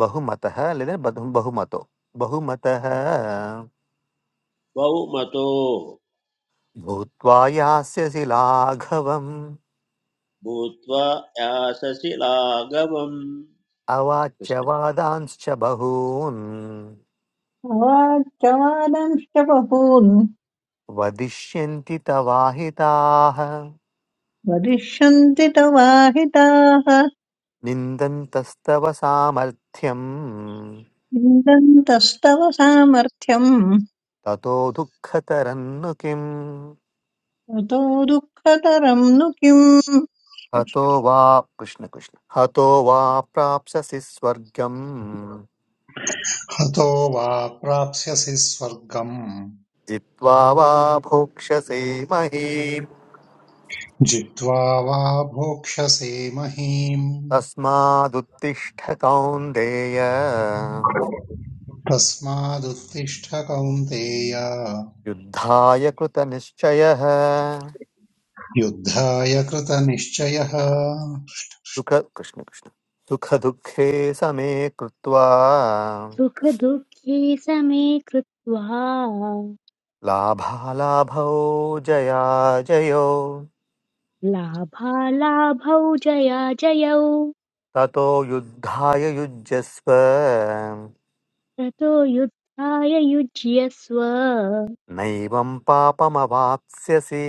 D: बहुमतः लेदे बहु- बहुमतो बहुमतः
G: बहुमतो
D: भूत्वा यास्यसि लाघवम्
G: भूत्वा याससि लाघवम्
D: अवाच्यवादांश्च बहून्
H: अवाच्य वादंश्च बहून्
D: वदिष्यन्ति तवाहिताः
H: वदिष्यन्ति तवाहिताः
D: निन्दन्तस्तव सामर्थ्यम्
H: निन्दन्तस्तव सामर्थ्यम्
D: ततो दुःखतरं किम्
H: ततो दुःखतरम् नु किम्
D: हतो वा कृष्ण कृष्ण हतो वा प्राप्स्यसि स्वर्गम्
K: हतो वा प्राप्स्यसि स्वर्गम्
D: जित्वा वा भोक्ष्यसे महीम्
K: जित्वा वा भोक्ष्यसे महीम्
D: तस्मादुत्तिष्ठ कौन्तेय
K: तस्मादुत्तिष्ठ कौन्तेय
D: युद्धाय कृतनिश्चयः
K: युद्धाय कृतनिश्चयः
D: सुख कृष्ण कृष्ण सुखदुःखे समे कृत्वा
B: सुखदुःखे समे कृत्वा
D: लाभालाभौ जयाजयौ
B: लाभालाभौ जयाजयौ
D: ततो युद्धाय युज्यस्व
B: ततो युद्धाय युज्यस्व
D: नैवं पापमवाप्स्यसि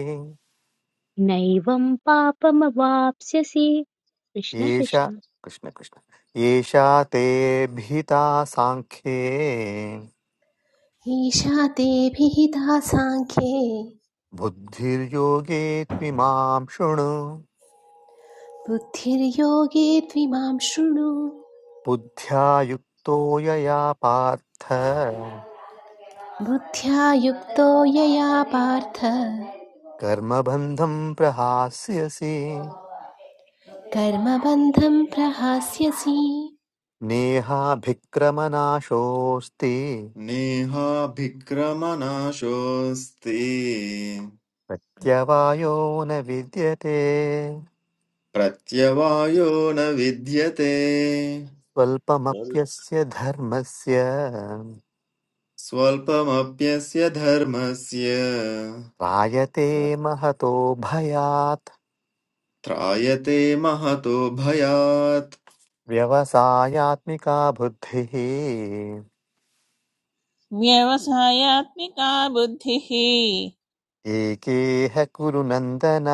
B: नैवं पापमवाप्स्यसि कृष्ण
D: एष
B: कृष्ण
D: कृष्ण कृष्ण एषा ते भीता साङ्ख्ये
C: ईशा ते विहिता साङ्ख्ये
D: बुद्धिर्योगे त्विमां शृणु
C: बुद्धिर्योगे त्विमां शृणु
D: बुद्ध्या युक्तो यया पार्थ
C: बुद्ध्या युक्तो यया पार्थ
D: कर्मबन्धं प्रहास्यसि
C: कर्मबन्धं प्रहास्यसि
D: नेहाभिक्रमनाशोऽस्ति
A: नेहाभिक्रमनाशोऽस्ति
D: प्रत्यवायो न विद्यते
A: प्रत्यवायो न विद्यते
G: कृष्ण
D: स्वल्पमप्यस्य धर्मस्य
A: स्वल्पमप्यस्य धर्मस्य
D: रायते महतो भयात्
A: त्रायते महतो भयात्
D: व्यवसायात्मिका बुद्धिः
E: व्यवसायात्मिका बुद्धिः
D: एकेह कुरु नन्दन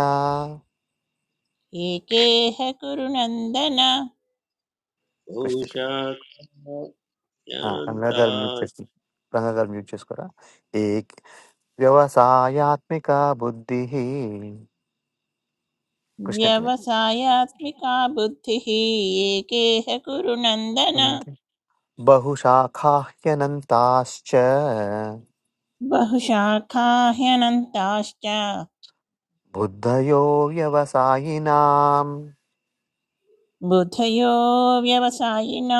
E: एकेह कुरु नन्दन
D: कृष्ण
G: भूषा
D: कृष्ण आ,
G: ज्ञान्ता
D: రంగాగారు మ్యూట్ చేసి రంగాగారు మ్యూట్ చేసుకోరా ఏక్ వ్యవసాయాత్మిక బుద్ధి కృష్ణ కృష్ణ
E: व्यवसायात्मिका बुद्धिः एकेह कुरुनन्दन
D: అంతే. बहुशाखाह्यनन्ताश्च
E: बहुशाखा ह्यनन्ताश्च
D: बुद्धयो व्यवसायिनां
E: बुद्धयो व्यवसायिनां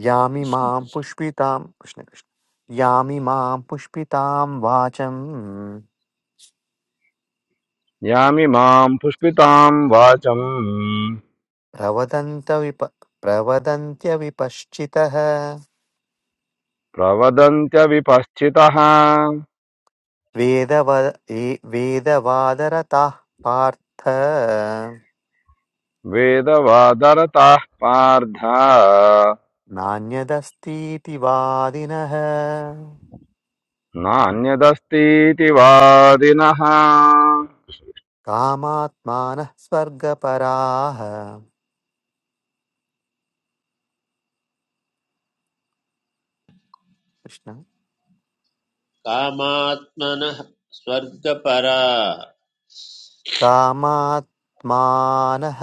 D: यामि
E: कृष्ण
D: मां
E: कृष्ण
D: पुष्पितां कृष्णकृष्ण यामि मां पुष्पितां वाचं
F: यामिमाम् पुष्पिताम् वाचम्
D: प्रवदन्तविप प्रवदन्त्यविपश्चितः
F: प्रवदन्त्यविपश्चितः
D: वेदव ए- वेदवादरताः पार्थ
F: वेदवादरताः पार्थ
D: नान्यदस्तीति वादिनः
F: नान्यदस्तीति वादिनः
D: कामात्मानः स्वर्गपराः कृष्ण
G: कामात्मनः स्वर्गपरा
D: कामात्मानः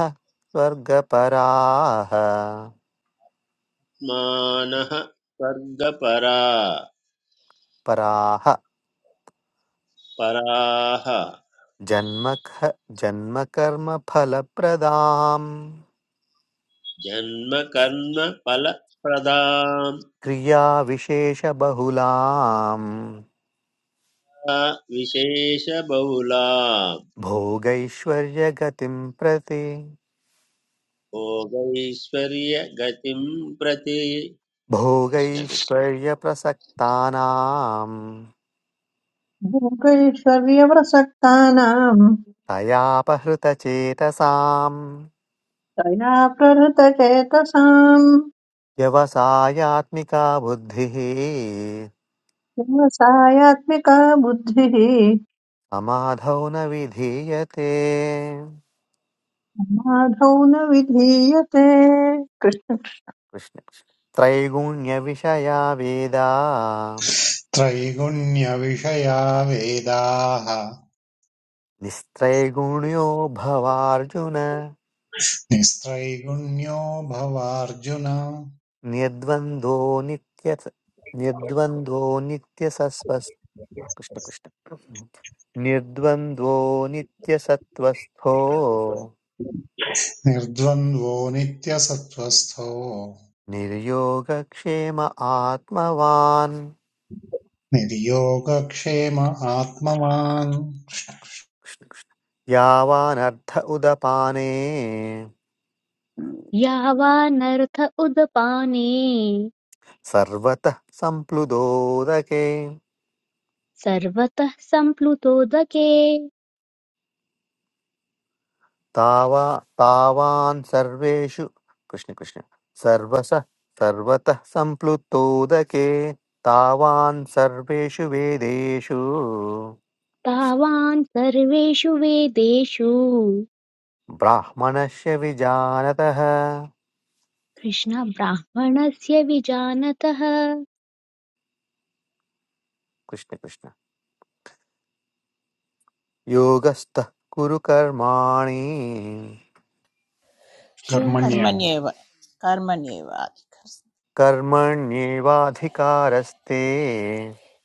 D: स्वर्गपराः
G: मानः स्वर्गपरा
D: पराः
G: पराः
D: जन्मख जन्मकर्मफलप्रदाम्
G: जन्म कर्म फलप्रदां
D: क्रियाविशेषबहुलाम्
G: विशेषबहुलां
D: भोगैश्वर्यगतिं प्रति
G: भोगैश्वर्य गतिं प्रति कृष्ण कृष्ण।
D: भोगैश्वर्यप्रसक्तानाम्
H: भोगैश्वर्यप्रसक्तानाम्
D: तयापहृतचेतसाम्
H: तया प्रहृतचेतसाम्
D: व्यवसायात्मिका बुद्धिः
H: व्यवसायात्मिका बुद्धिः
D: समाधौ न विधीयते
H: समाधौ न विधीयते कृष्ण
D: कृष्ण कृष्ण। त्रैगुण्यविषया वेदा
K: त्रैगुण्यविषया वेदाः
D: निस्त्रैगुण्यो भवार्जुन
K: निस्त्रैगुण्यो भवार्जुन
D: निर्द्वन्द्वो नित्य निर्द्वन्द्वो नित्यसस्वस् कृष्ण कृष्ण निर्द्वन्द्वो नित्यसत्त्वस्थो
K: निर्द्वन्द्वो नित्यसत्त्वस्थो
D: निर्योगक्षेम आत्मवान्
K: निर्योगक्षेम आत्मवान्
D: कृष्ण कृष्ण। यावानर्थ उदपाने
B: यावानर्थ उदपाने
D: सर्वतः सम्प्लुदोदके
B: सर्वतः सम्प्लुतोदके
D: तावा तावान् सर्वेषु कृष्ण कृष्ण सर्वसः सर्वतः सम्प्लुतोदके तावान् सर्वेषु वेदेषु
B: तावान् सर्वेषु वेदेषु
D: ब्राह्मणस्य विजानतः
B: कृष्णब्राह्मणस्य विजानतः
D: कृष्ण कृष्ण योगस्थः कुरु कर्माणि
C: योग
K: कर्मण्य
E: कर्मण्येव कर्मण्येव
D: कर्मण्येवाधिकारस्ते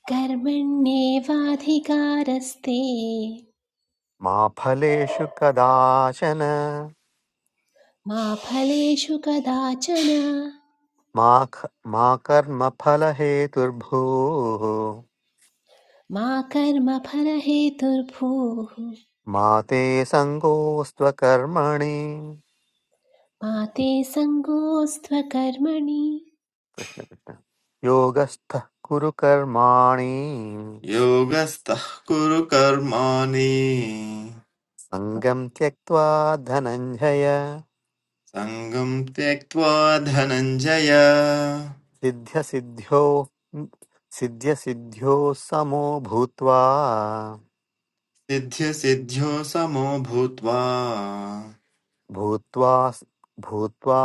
C: कर्मण्येवाधिकारस्ते
D: मा फलेषु कदाचन
C: मा फलेषु कदाचन
D: मा ख- मा कर्मफलहेतुर्भूः
C: मा कर्मफलहेतुर्भूः
D: माते ते सङ्गोऽस्त्वकर्मणि
C: मा ते सङ्गोऽस्त्वकर्मणि
D: योगस्थः कुरु कर्माणि
A: योगस्थः कुरु कर्माणि
D: सङ्गं त्यक्त्वा धनञ्जय
A: सङ्गम् त्यक्त्वा धनञ्जय
D: सिद्ध्यसिद्ध्यो सिद्ध्यसिद्ध्यो समो भूत्वा
A: सिद्ध्यसिद्ध्यो समो भूत्वा
D: भूत्वा भूत्वा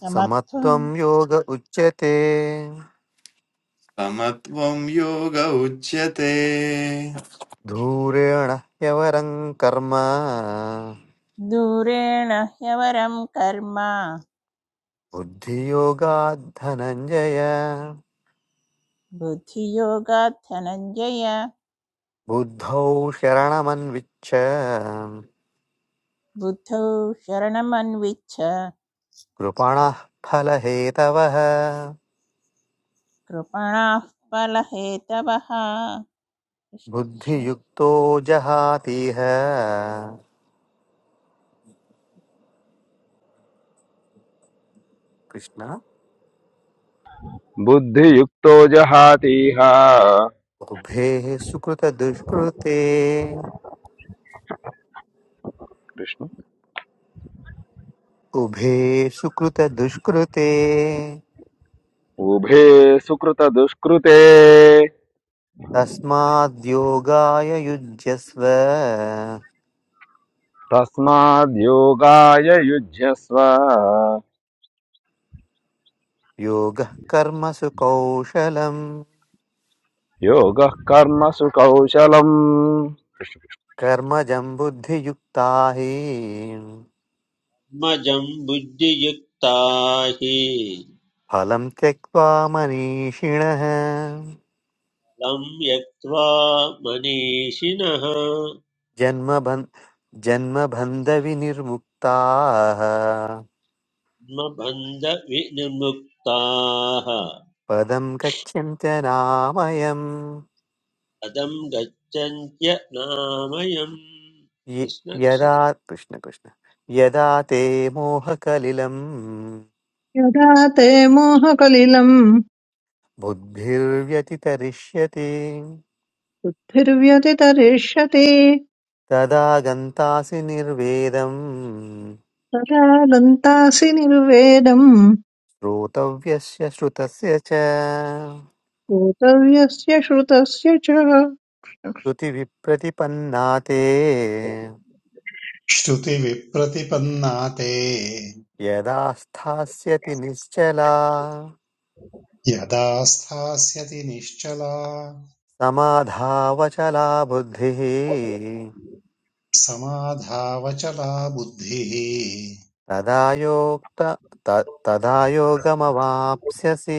E: समत्वं
D: समत्वं योग उच्यते
A: समत्वं योग उच्यते
D: धूरेण ह्यवरं कर्म
E: दूरेण ह्यवरं कर्म
D: बुद्धियोगाद्धनञ्जय
E: बुद्धियोगात् धनञ्जय
D: बुद्धौ शरणमन्विच्छ
E: बुद्धौ शरणमन्विच्छ
D: कृपणः फलहेतवः
E: कृपणाः फलहेतवः कृष्ण कृष्ण
D: बुद्धियुक्तो जहातीह कृष्ण
F: बुद्धियुक्तो जहातीह कृष्ण
D: उभे सुकृतदुष्कृते उभे सुकृतदुष्कृते
F: उभे सुकृतदुष्कृते
D: तस्माद्योगाय युज्यस्व
F: तस्माद्योगाय युज्यस्व
D: योगः कर्मसु कौशलम्
F: योगः कर्मसु कौशलम्
D: कर्मजम् बुद्धियुक्ता हि
G: मजं बुद्धियुक्ता हि
D: फलं त्यक्त्वा मनीषिणः
G: लं यक्त्वा मनीषिणः
D: जन्मबन् जन्मबन्धविनिर्मुक्ताः
G: आत्मबन्धविनिर्मुक्ताः
D: पदं गच्छन्त्यनामयम्
G: पदं गच्छन्त्य नामयम्
D: य- यदा
G: कृष्णकृष्णया
D: कृष्ण कृष्ण यदा ते मोहकलिलं
H: यदा ते मोहकलिलम्
D: बुद्धिर्व्यतितरिष्यति
H: बुद्धिर्व्यतितरिष्यति
D: तदा गन्तासि निर्वेदम्
H: तदा दन्तासि निर्वेदम्
D: श्रोतव्यस्य श्रुतस्य च
H: श्रोतव्यस्य श्रुतस्य च
D: श्रुतिविप्रतिपन्ना ते
K: श्रुतिविप्रतिपन्ना ते
D: यदा स्थास्यति निश्चला
K: यदा स्थास्यति निश्चला
D: समाधावचला बुद्धिः
K: समाधावचला बुद्धिः
D: तदा योक्त त- तदा योगमवाप्स्यसि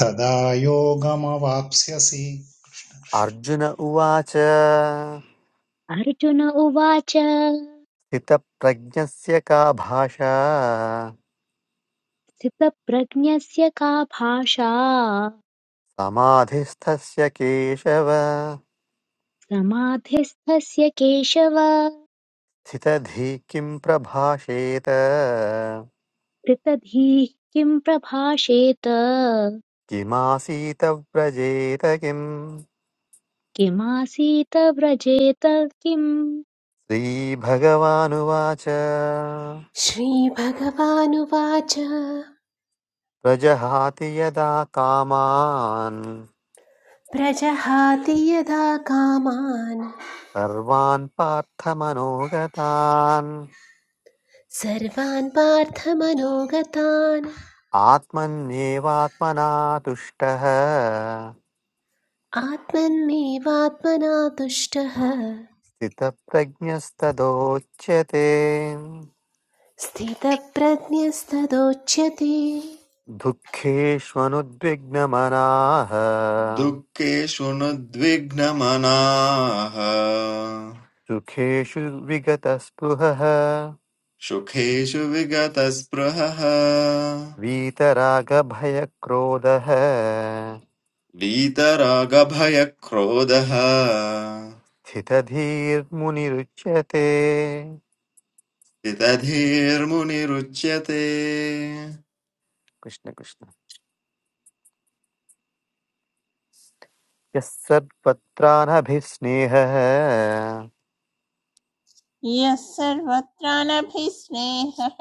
K: तदा योगमवाप्स्यसि
D: अर्जुन उवाच
B: अर्जुन उवाच
D: स्थितप्रज्ञस्य का भाषा
B: स्थितप्रज्ञस्य का भाषा
D: समाधिस्थस्य केशव
B: समाधिस्थस्य केशव
D: स्थितधि किं प्रभाषेत
B: कृतधीः किम् प्रभाषेत
D: किमासीत व्रजेत किम्
B: किमासीत व्रजेत किम्
D: श्रीभगवानुवाच
C: श्रीभगवानुवाच
D: प्रजहाति यदा कामान्
C: प्रजहाति यदा कामान्
D: सर्वान् पार्थमनोगतान्
C: सर्वान् पार्थमनोगतान्
D: आत्मन्येवात्मना तुष्टः
C: आत्मन्नेवात्मना तुष्टः
D: स्थितप्रज्ञस्तदोच्यते
C: स्थितप्रज्ञस्तदोच्यते
D: दुःखेष्वनुद्विग्नमनाः
A: दुःखेषु नुद्विघ्नमनाः
D: सुखेषु विगतस्पृहः
A: सुखेषु विगतस्पृहः
D: वीतरागभयक्रोधः
A: वीतरागभयक्रोधः
D: स्थितधीर्मुनिरुच्यते
A: स्थितधीर्मुनिरुच्यते
D: कृष्ण कृष्ण यः सत्पत्रानभिस्नेहः
E: यः सर्वत्रानभिस्नेहः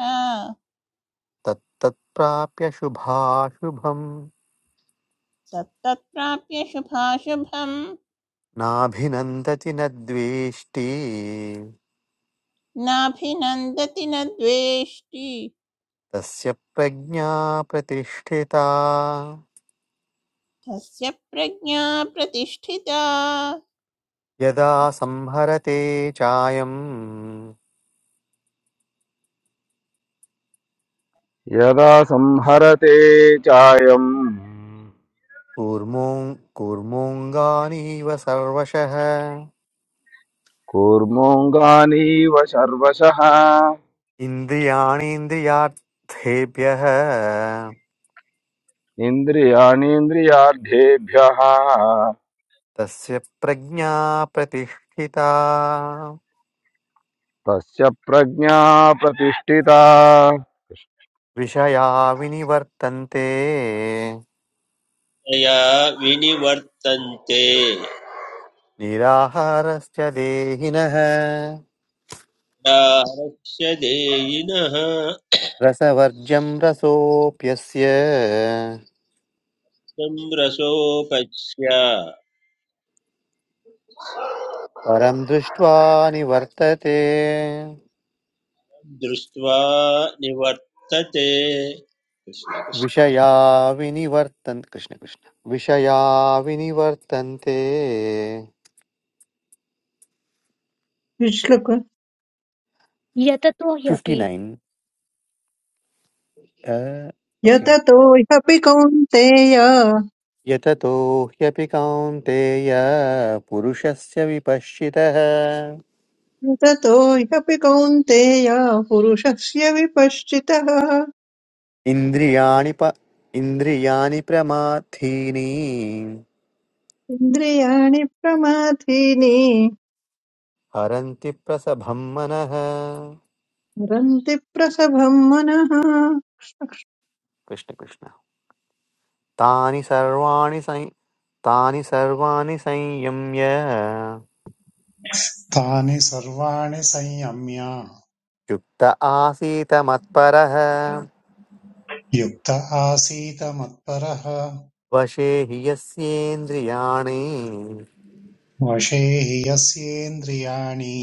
D: तत्तत्प्राप्य शुभाशुभम्
E: तत्तत्प्राप्य शुभाशुभम्
D: नाभिनन्दति न द्वेष्टि
E: नाभिनन्दति न द्वेष्टि
D: तस्य प्रज्ञा प्रतिष्ठिता
E: तस्य प्रज्ञा प्रतिष्ठिता
D: यदा
E: कृष्ण।
D: संहरते चायम्
F: यदा संहरते चायम्
D: कूर्मो कूर्मोऽङ्गानीव सर्वशः
F: कूर्मोऽङ्गानीव सर्वशः
D: इन्द्रियाणीन्द्रियार्थेभ्यः
F: इन्द्रियाणीन्द्रियार्थेभ्यः
D: तस्य प्रज्ञा प्रतिष्ठिता
F: तस्य प्रज्ञा प्रतिष्ठिता
D: विषया विनिवर्तन्ते
G: विनिवर्तन्ते
D: निराहारस्य देहिनः
G: रक्ष्य देयिनः
D: रसवर्ज्यं रसोऽप्यस्य
G: संरसोपश्य
D: परं दृष्ट्वा निवर्तते
G: दृष्ट्वा निवर्तते कृष्णकृष्ण
D: विषया विनिवर्तन् कृष्ण कृष्ण विषया विनिवर्तन्ते
H: विश्लुक
B: यततो
D: फिफ्टि
B: ह्यपि
D: नैन् ओके
H: यततो ह्यपि कौन्तेय
D: यततो ह्यपि कौन्तेय पुरुषस्य विपश्चितः
H: यततो ह्यपि कौन्तेय पुरुषस्य विपश्चितः
D: इन्द्रियाणि प इन्द्रियाणि प्रमाथीनि
H: इन्द्रियाणि प्रमाथीनि
D: हरन्ति प्रसभं मनः
H: रन्ति प्रसभम् मनः
D: कृष्ण कृष्ण तानि सर्वाणि सं तानि सर्वाणि संयम्य
K: तानि सर्वाणि संयम्य
D: युक्त आसीत मत्परः
K: युक्त आसीत मत्परः
D: वशे हि यस्येन्द्रियाणि
K: वशे हि यस्येन्द्रियाणि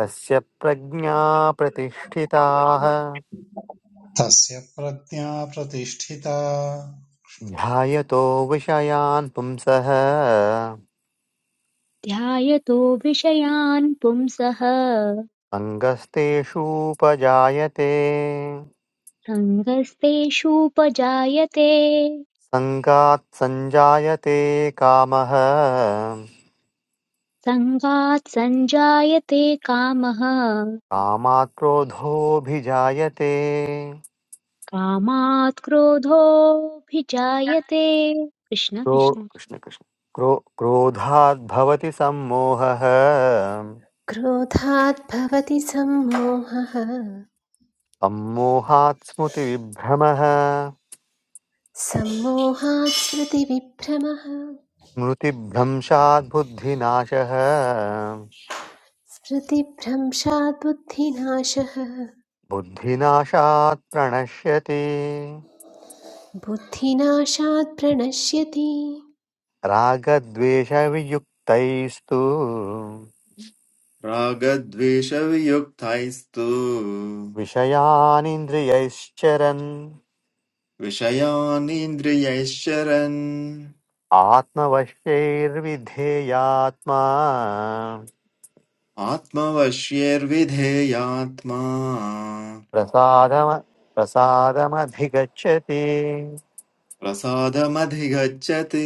D: तस्य प्रज्ञा प्रतिष्ठिताः
K: तस्य प्रज्ञा प्रतिष्ठिता
D: ध्यायतो विषयान् पुंसः
B: ध्यायतो विषयान् पुंसः
D: अङ्गस्तेषूपजायते
B: सङ्गस्तेषूपजायते
D: सङ्गात् सञ्जायते कामः
B: सङ्गात् सञ्जायते कामः
D: कामात् क्रोधोऽभिजायते
B: कामात् क्रोधोऽभिजायते कृष्ण
D: क्रो
B: कृष्ण
D: कृष्ण कृष्ण क्रो क्रोधात् भवति सम्मोहः
C: क्रोधात् भवति सम्मोहः
D: सम्मोहात् स्मृतिविभ्रमः
C: सम्मोहात् स्मृतिविभ्रमः
D: स्मृतिभ्रंशात् बुद्धिनाशः
C: स्मृतिभ्रंशात् बुद्धिनाशः
D: बुद्धिनाशात् प्रणश्यति
C: बुद्धिनाशात् प्रणश्यति
D: रागद्वेषवियुक्तैस्तु
A: रागद्वेषवियुक्तैस्तु
D: विषयानिन्द्रियैश्चरन्
A: विषयानीन्द्रियैश्चरन्
D: आत्मवश्यैर्विधेयात्मा
A: आत्मवश्यैर्विधेयात्मा
D: प्रसादम प्रसादमधिगच्छति
A: प्रसादमधिगच्छति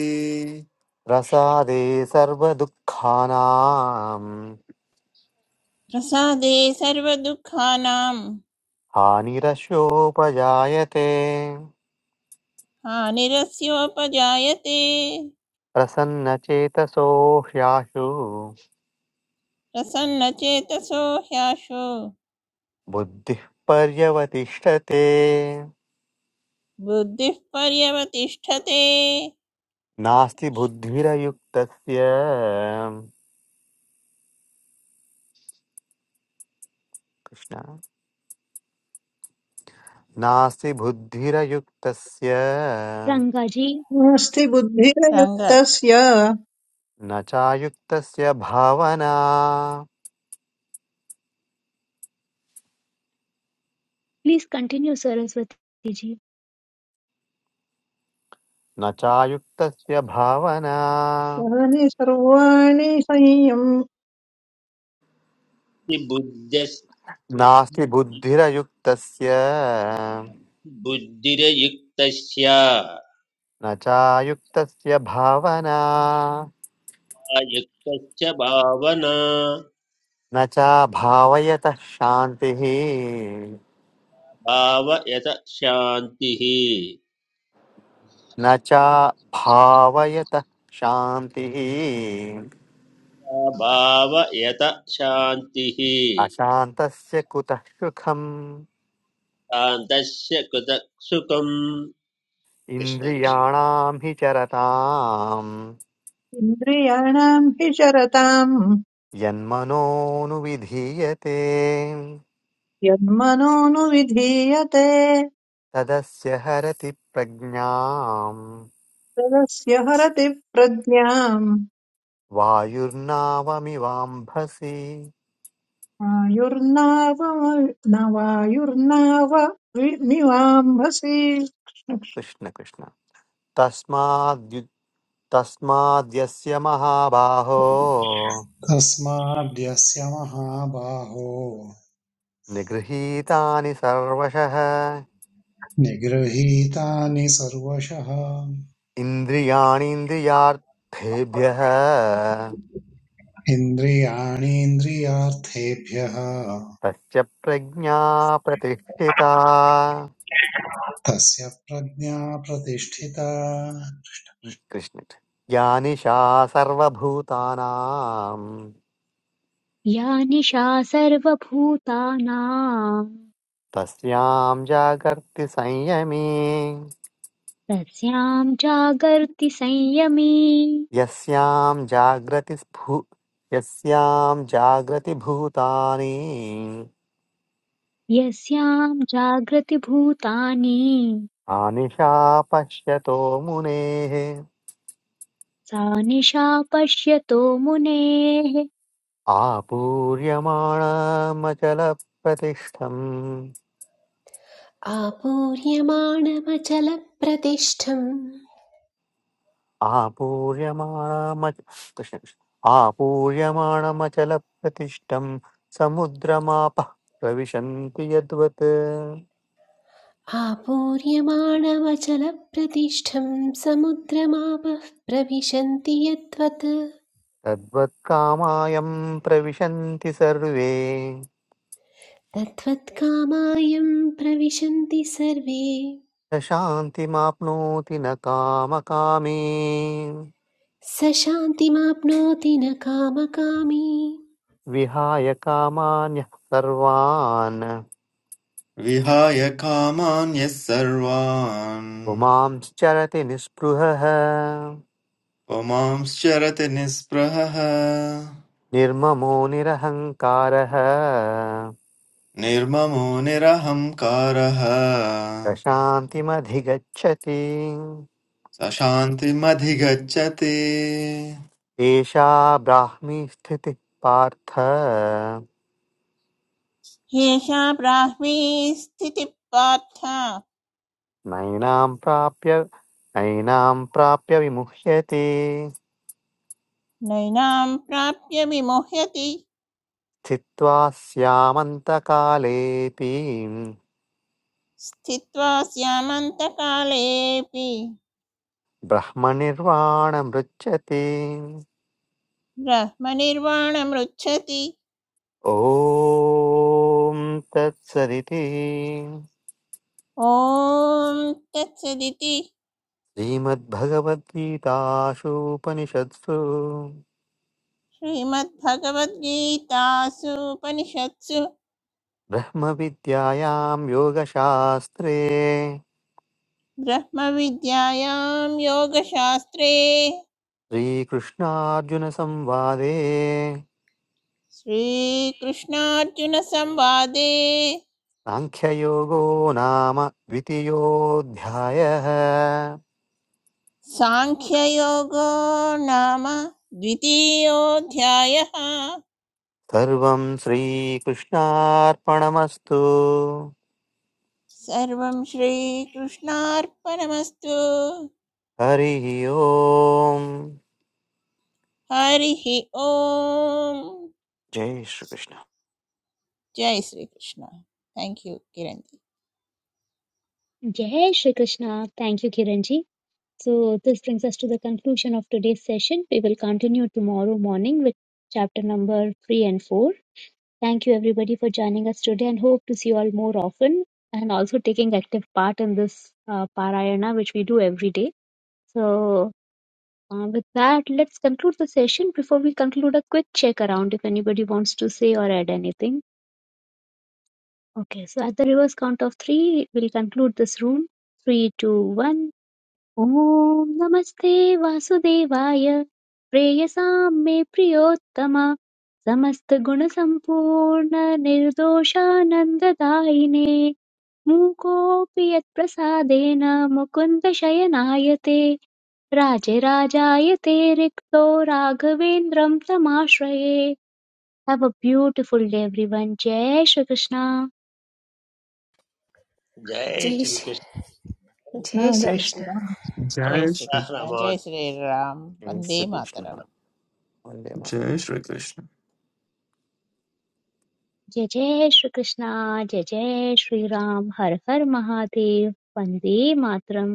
D: प्रसादे सर्वदुःखानां
E: प्रसादे सर्वदुःखानां
D: हानिरस्योपजायते
E: हानिरस्योपजायते
D: प्रसन्नचेतसो ह्याशु
E: प्रसन्नचेतसो ह्याशो
D: बुद्धिः पर्यवतिष्ठते
E: बुद्धिः पर्यवतिष्ठते कृष्ण
D: नास्ति
E: कृष्ण।
D: बुद्धिरयुक्तस्य कृष्ण नास्ति बुद्धिरयुक्तस्य
B: रङ्गाजी
H: नास्ति
E: रङ्गत्
H: बुद्धिरयुक्तस्य
D: न चायुक्तस्य भावना
B: प्लीज कंटिन्यू सरस्वती जी
D: न चायुक्तस्य भावना
H: तानि सर्वाणि संयम्
G: बुद्धस्
D: नास्ति बुद्धिरयुक्तस्य
G: बुद्धिरयुक्तस्य
D: न चायुक्तस्य भावना
G: युक्तस्य भावना
D: न चाभावयतः शान्तिः
G: भाव यत शान्तिः
D: न चाभावयतः शान्तिः
G: भाव यत शान्तिः
D: अशान्तस्य कुतः सुखम्
G: शान्तस्य कृत सुखम् कृष्ण कृष्ण
D: इन्द्रियाणां हि चरताम्
H: इन्द्रियाणाम् हि चरताम्
D: यन्मनोनुविधीयते
H: यन्मनोऽनुविधीयते
D: तदस्य हरति प्रज्ञाम्
H: तदस्य हरति प्रज्ञाम्
D: वायुर्नावमिवाम्भसि
H: आयुर्नावम नवायुर्नाव मिवाम्भसि कृष्ण
D: कृष्ण कृष्ण तस्माद्यु तस्माद्यस्य महाबाहो
K: तस्माद्यस्य महाबाहो
D: निगृहीतानि सर्वशः
K: निगृहीतानि सर्वशः
D: इन्द्रियाणीन्द्रियार्थेभ्यः
K: इन्द्रियाणीन्द्रियार्थेभ्यः
D: तस्य प्रज्ञा प्रतिष्ठिता
K: तस्य प्रज्ञा प्रतिष्ठिता
D: कृष्ण ज्ञानिशा सर्वभूतानां
B: या निशा सर्वभूतानां
D: तस्यां जागर्ति संयमे
B: तस्यां जागर्ति संयमी
D: यस्यां जाग्रति स्फु यस्यां जाग्रति भूतानि
B: यस्यां जागृति भूतानि
D: आनिशा पश्यतो मुनेः
B: सा निशा पश्यतो मुनेः
D: आपूर्यमाणमचलप्रतिष्ठम्
C: आपूर्यमाणमचलप्रतिष्ठम्
D: आपूर्यमाणमच कृष्ण कृष्ण। आपूर्यमाणमचलप्रतिष्ठं समुद्रमापः प्रविशन्ति यद्वत्
C: आपूर्यमाणमचलप्रतिष्ठम् समुद्रमापः प्रविशन्ति यद्वत्
D: तद्वत्कामायं प्रविशन्ति सर्वे
C: तद्वत्कामायं प्रविशन्ति सर्वे
D: न शान्तिमाप्नोति न कामकामी
C: स शान्तिमाप्नोति न कामकामी
D: विहाय कामान्यः सर्वान्
A: विहाय कामान् यः सर्वान्
D: पुमांश्चरति निःस्पृहः
A: पुमांश्चरति निःस्पृहः
D: निर्ममो निरहङ्कारः
A: निर्ममो निरहङ्कारः
D: प्रशान्तिमधिगच्छति
A: स शान्तिमधिगच्छति
D: एषा ब्राह्मी स्थितिः पार्थ
E: एषा ब्राह्मी स्थितिः पार्थ
D: नैनां प्राप्य नैनां प्राप्य विमुह्यते
E: नैनां प्राप्य विमुह्यति
D: स्थित्वा स्यामन्तकालेऽपि
E: स्थित्वा स्यामन्तकालेऽपि
D: ब्रह्मनिर्वाणमृच्छति
E: ब्रह्मनिर्वाणमृच्छति
D: ॐ तत्सदिति
E: ॐ तत्सदिति
D: श्रीमद्भगवद्गीतासूपनिषत्सु
E: श्रीमद्भगवद्गीतासु उपनिषत्सु
D: ब्रह्मविद्यायां योगशास्त्रे
E: ब्रह्मविद्यायां योगशास्त्रे
D: श्रीकृष्णार्जुनसंवादे
E: श्रीकृष्णार्जुनसंवादे
D: साङ्ख्ययोगो नाम द्वितीयोऽध्यायः
E: साङ्ख्ययोगो नाम द्वितीयोऽध्यायः
D: सर्वं श्रीकृष्णार्पणमस्तु
E: सर्वं श्रीकृष्णार्पणमस्तु
D: हरिः ओम्
E: हरिः ओम
D: जय श्रीकृष्ण
E: जय Shri Krishna thank you Kiran ji
B: Jai Shri Krishna. Thank you, Kiranji. So this brings us to the conclusion of today's session. We will continue tomorrow morning with chapter number three and four. Thank you everybody for joining us today and hope to see you all more often and also taking active part in this uh, parayana which we do every day. So uh, with that, let's conclude the session. Before we conclude, a quick check around if anybody wants to say or add anything. Okay, so at the reverse count of three, we'll conclude this room. Three, two, one. Om Namaste Vasudevaya प्रेयसां मे प्रियोत्तम समस्तगुणसम्पूर्ण निर्दोषानन्ददायिने मूकोऽपि यत्प्रसादेन मुकुन्द शयनायते राजराजायते रिक्तो राघवेन्द्रं तमाश्रये Have a beautiful day everyone. जय श्रीकृष्ण
G: जय
C: जय श्री जय
G: श्रीकृष्ण
H: कृष्ण
C: श्री
H: जय
C: कृष्ण
H: श्रीराम
E: जय
A: जय श्री
E: श्रीकृष्ण जय श्रीराम
D: जय
E: वंदे
D: श्रीकृष्ण
E: मातरम
D: वन्दे मातरम्।
A: जय श्रीकृष्ण
B: जय जय श्री कृष्णा जय जय श्री राम हर हर महादेव वंदे मातरम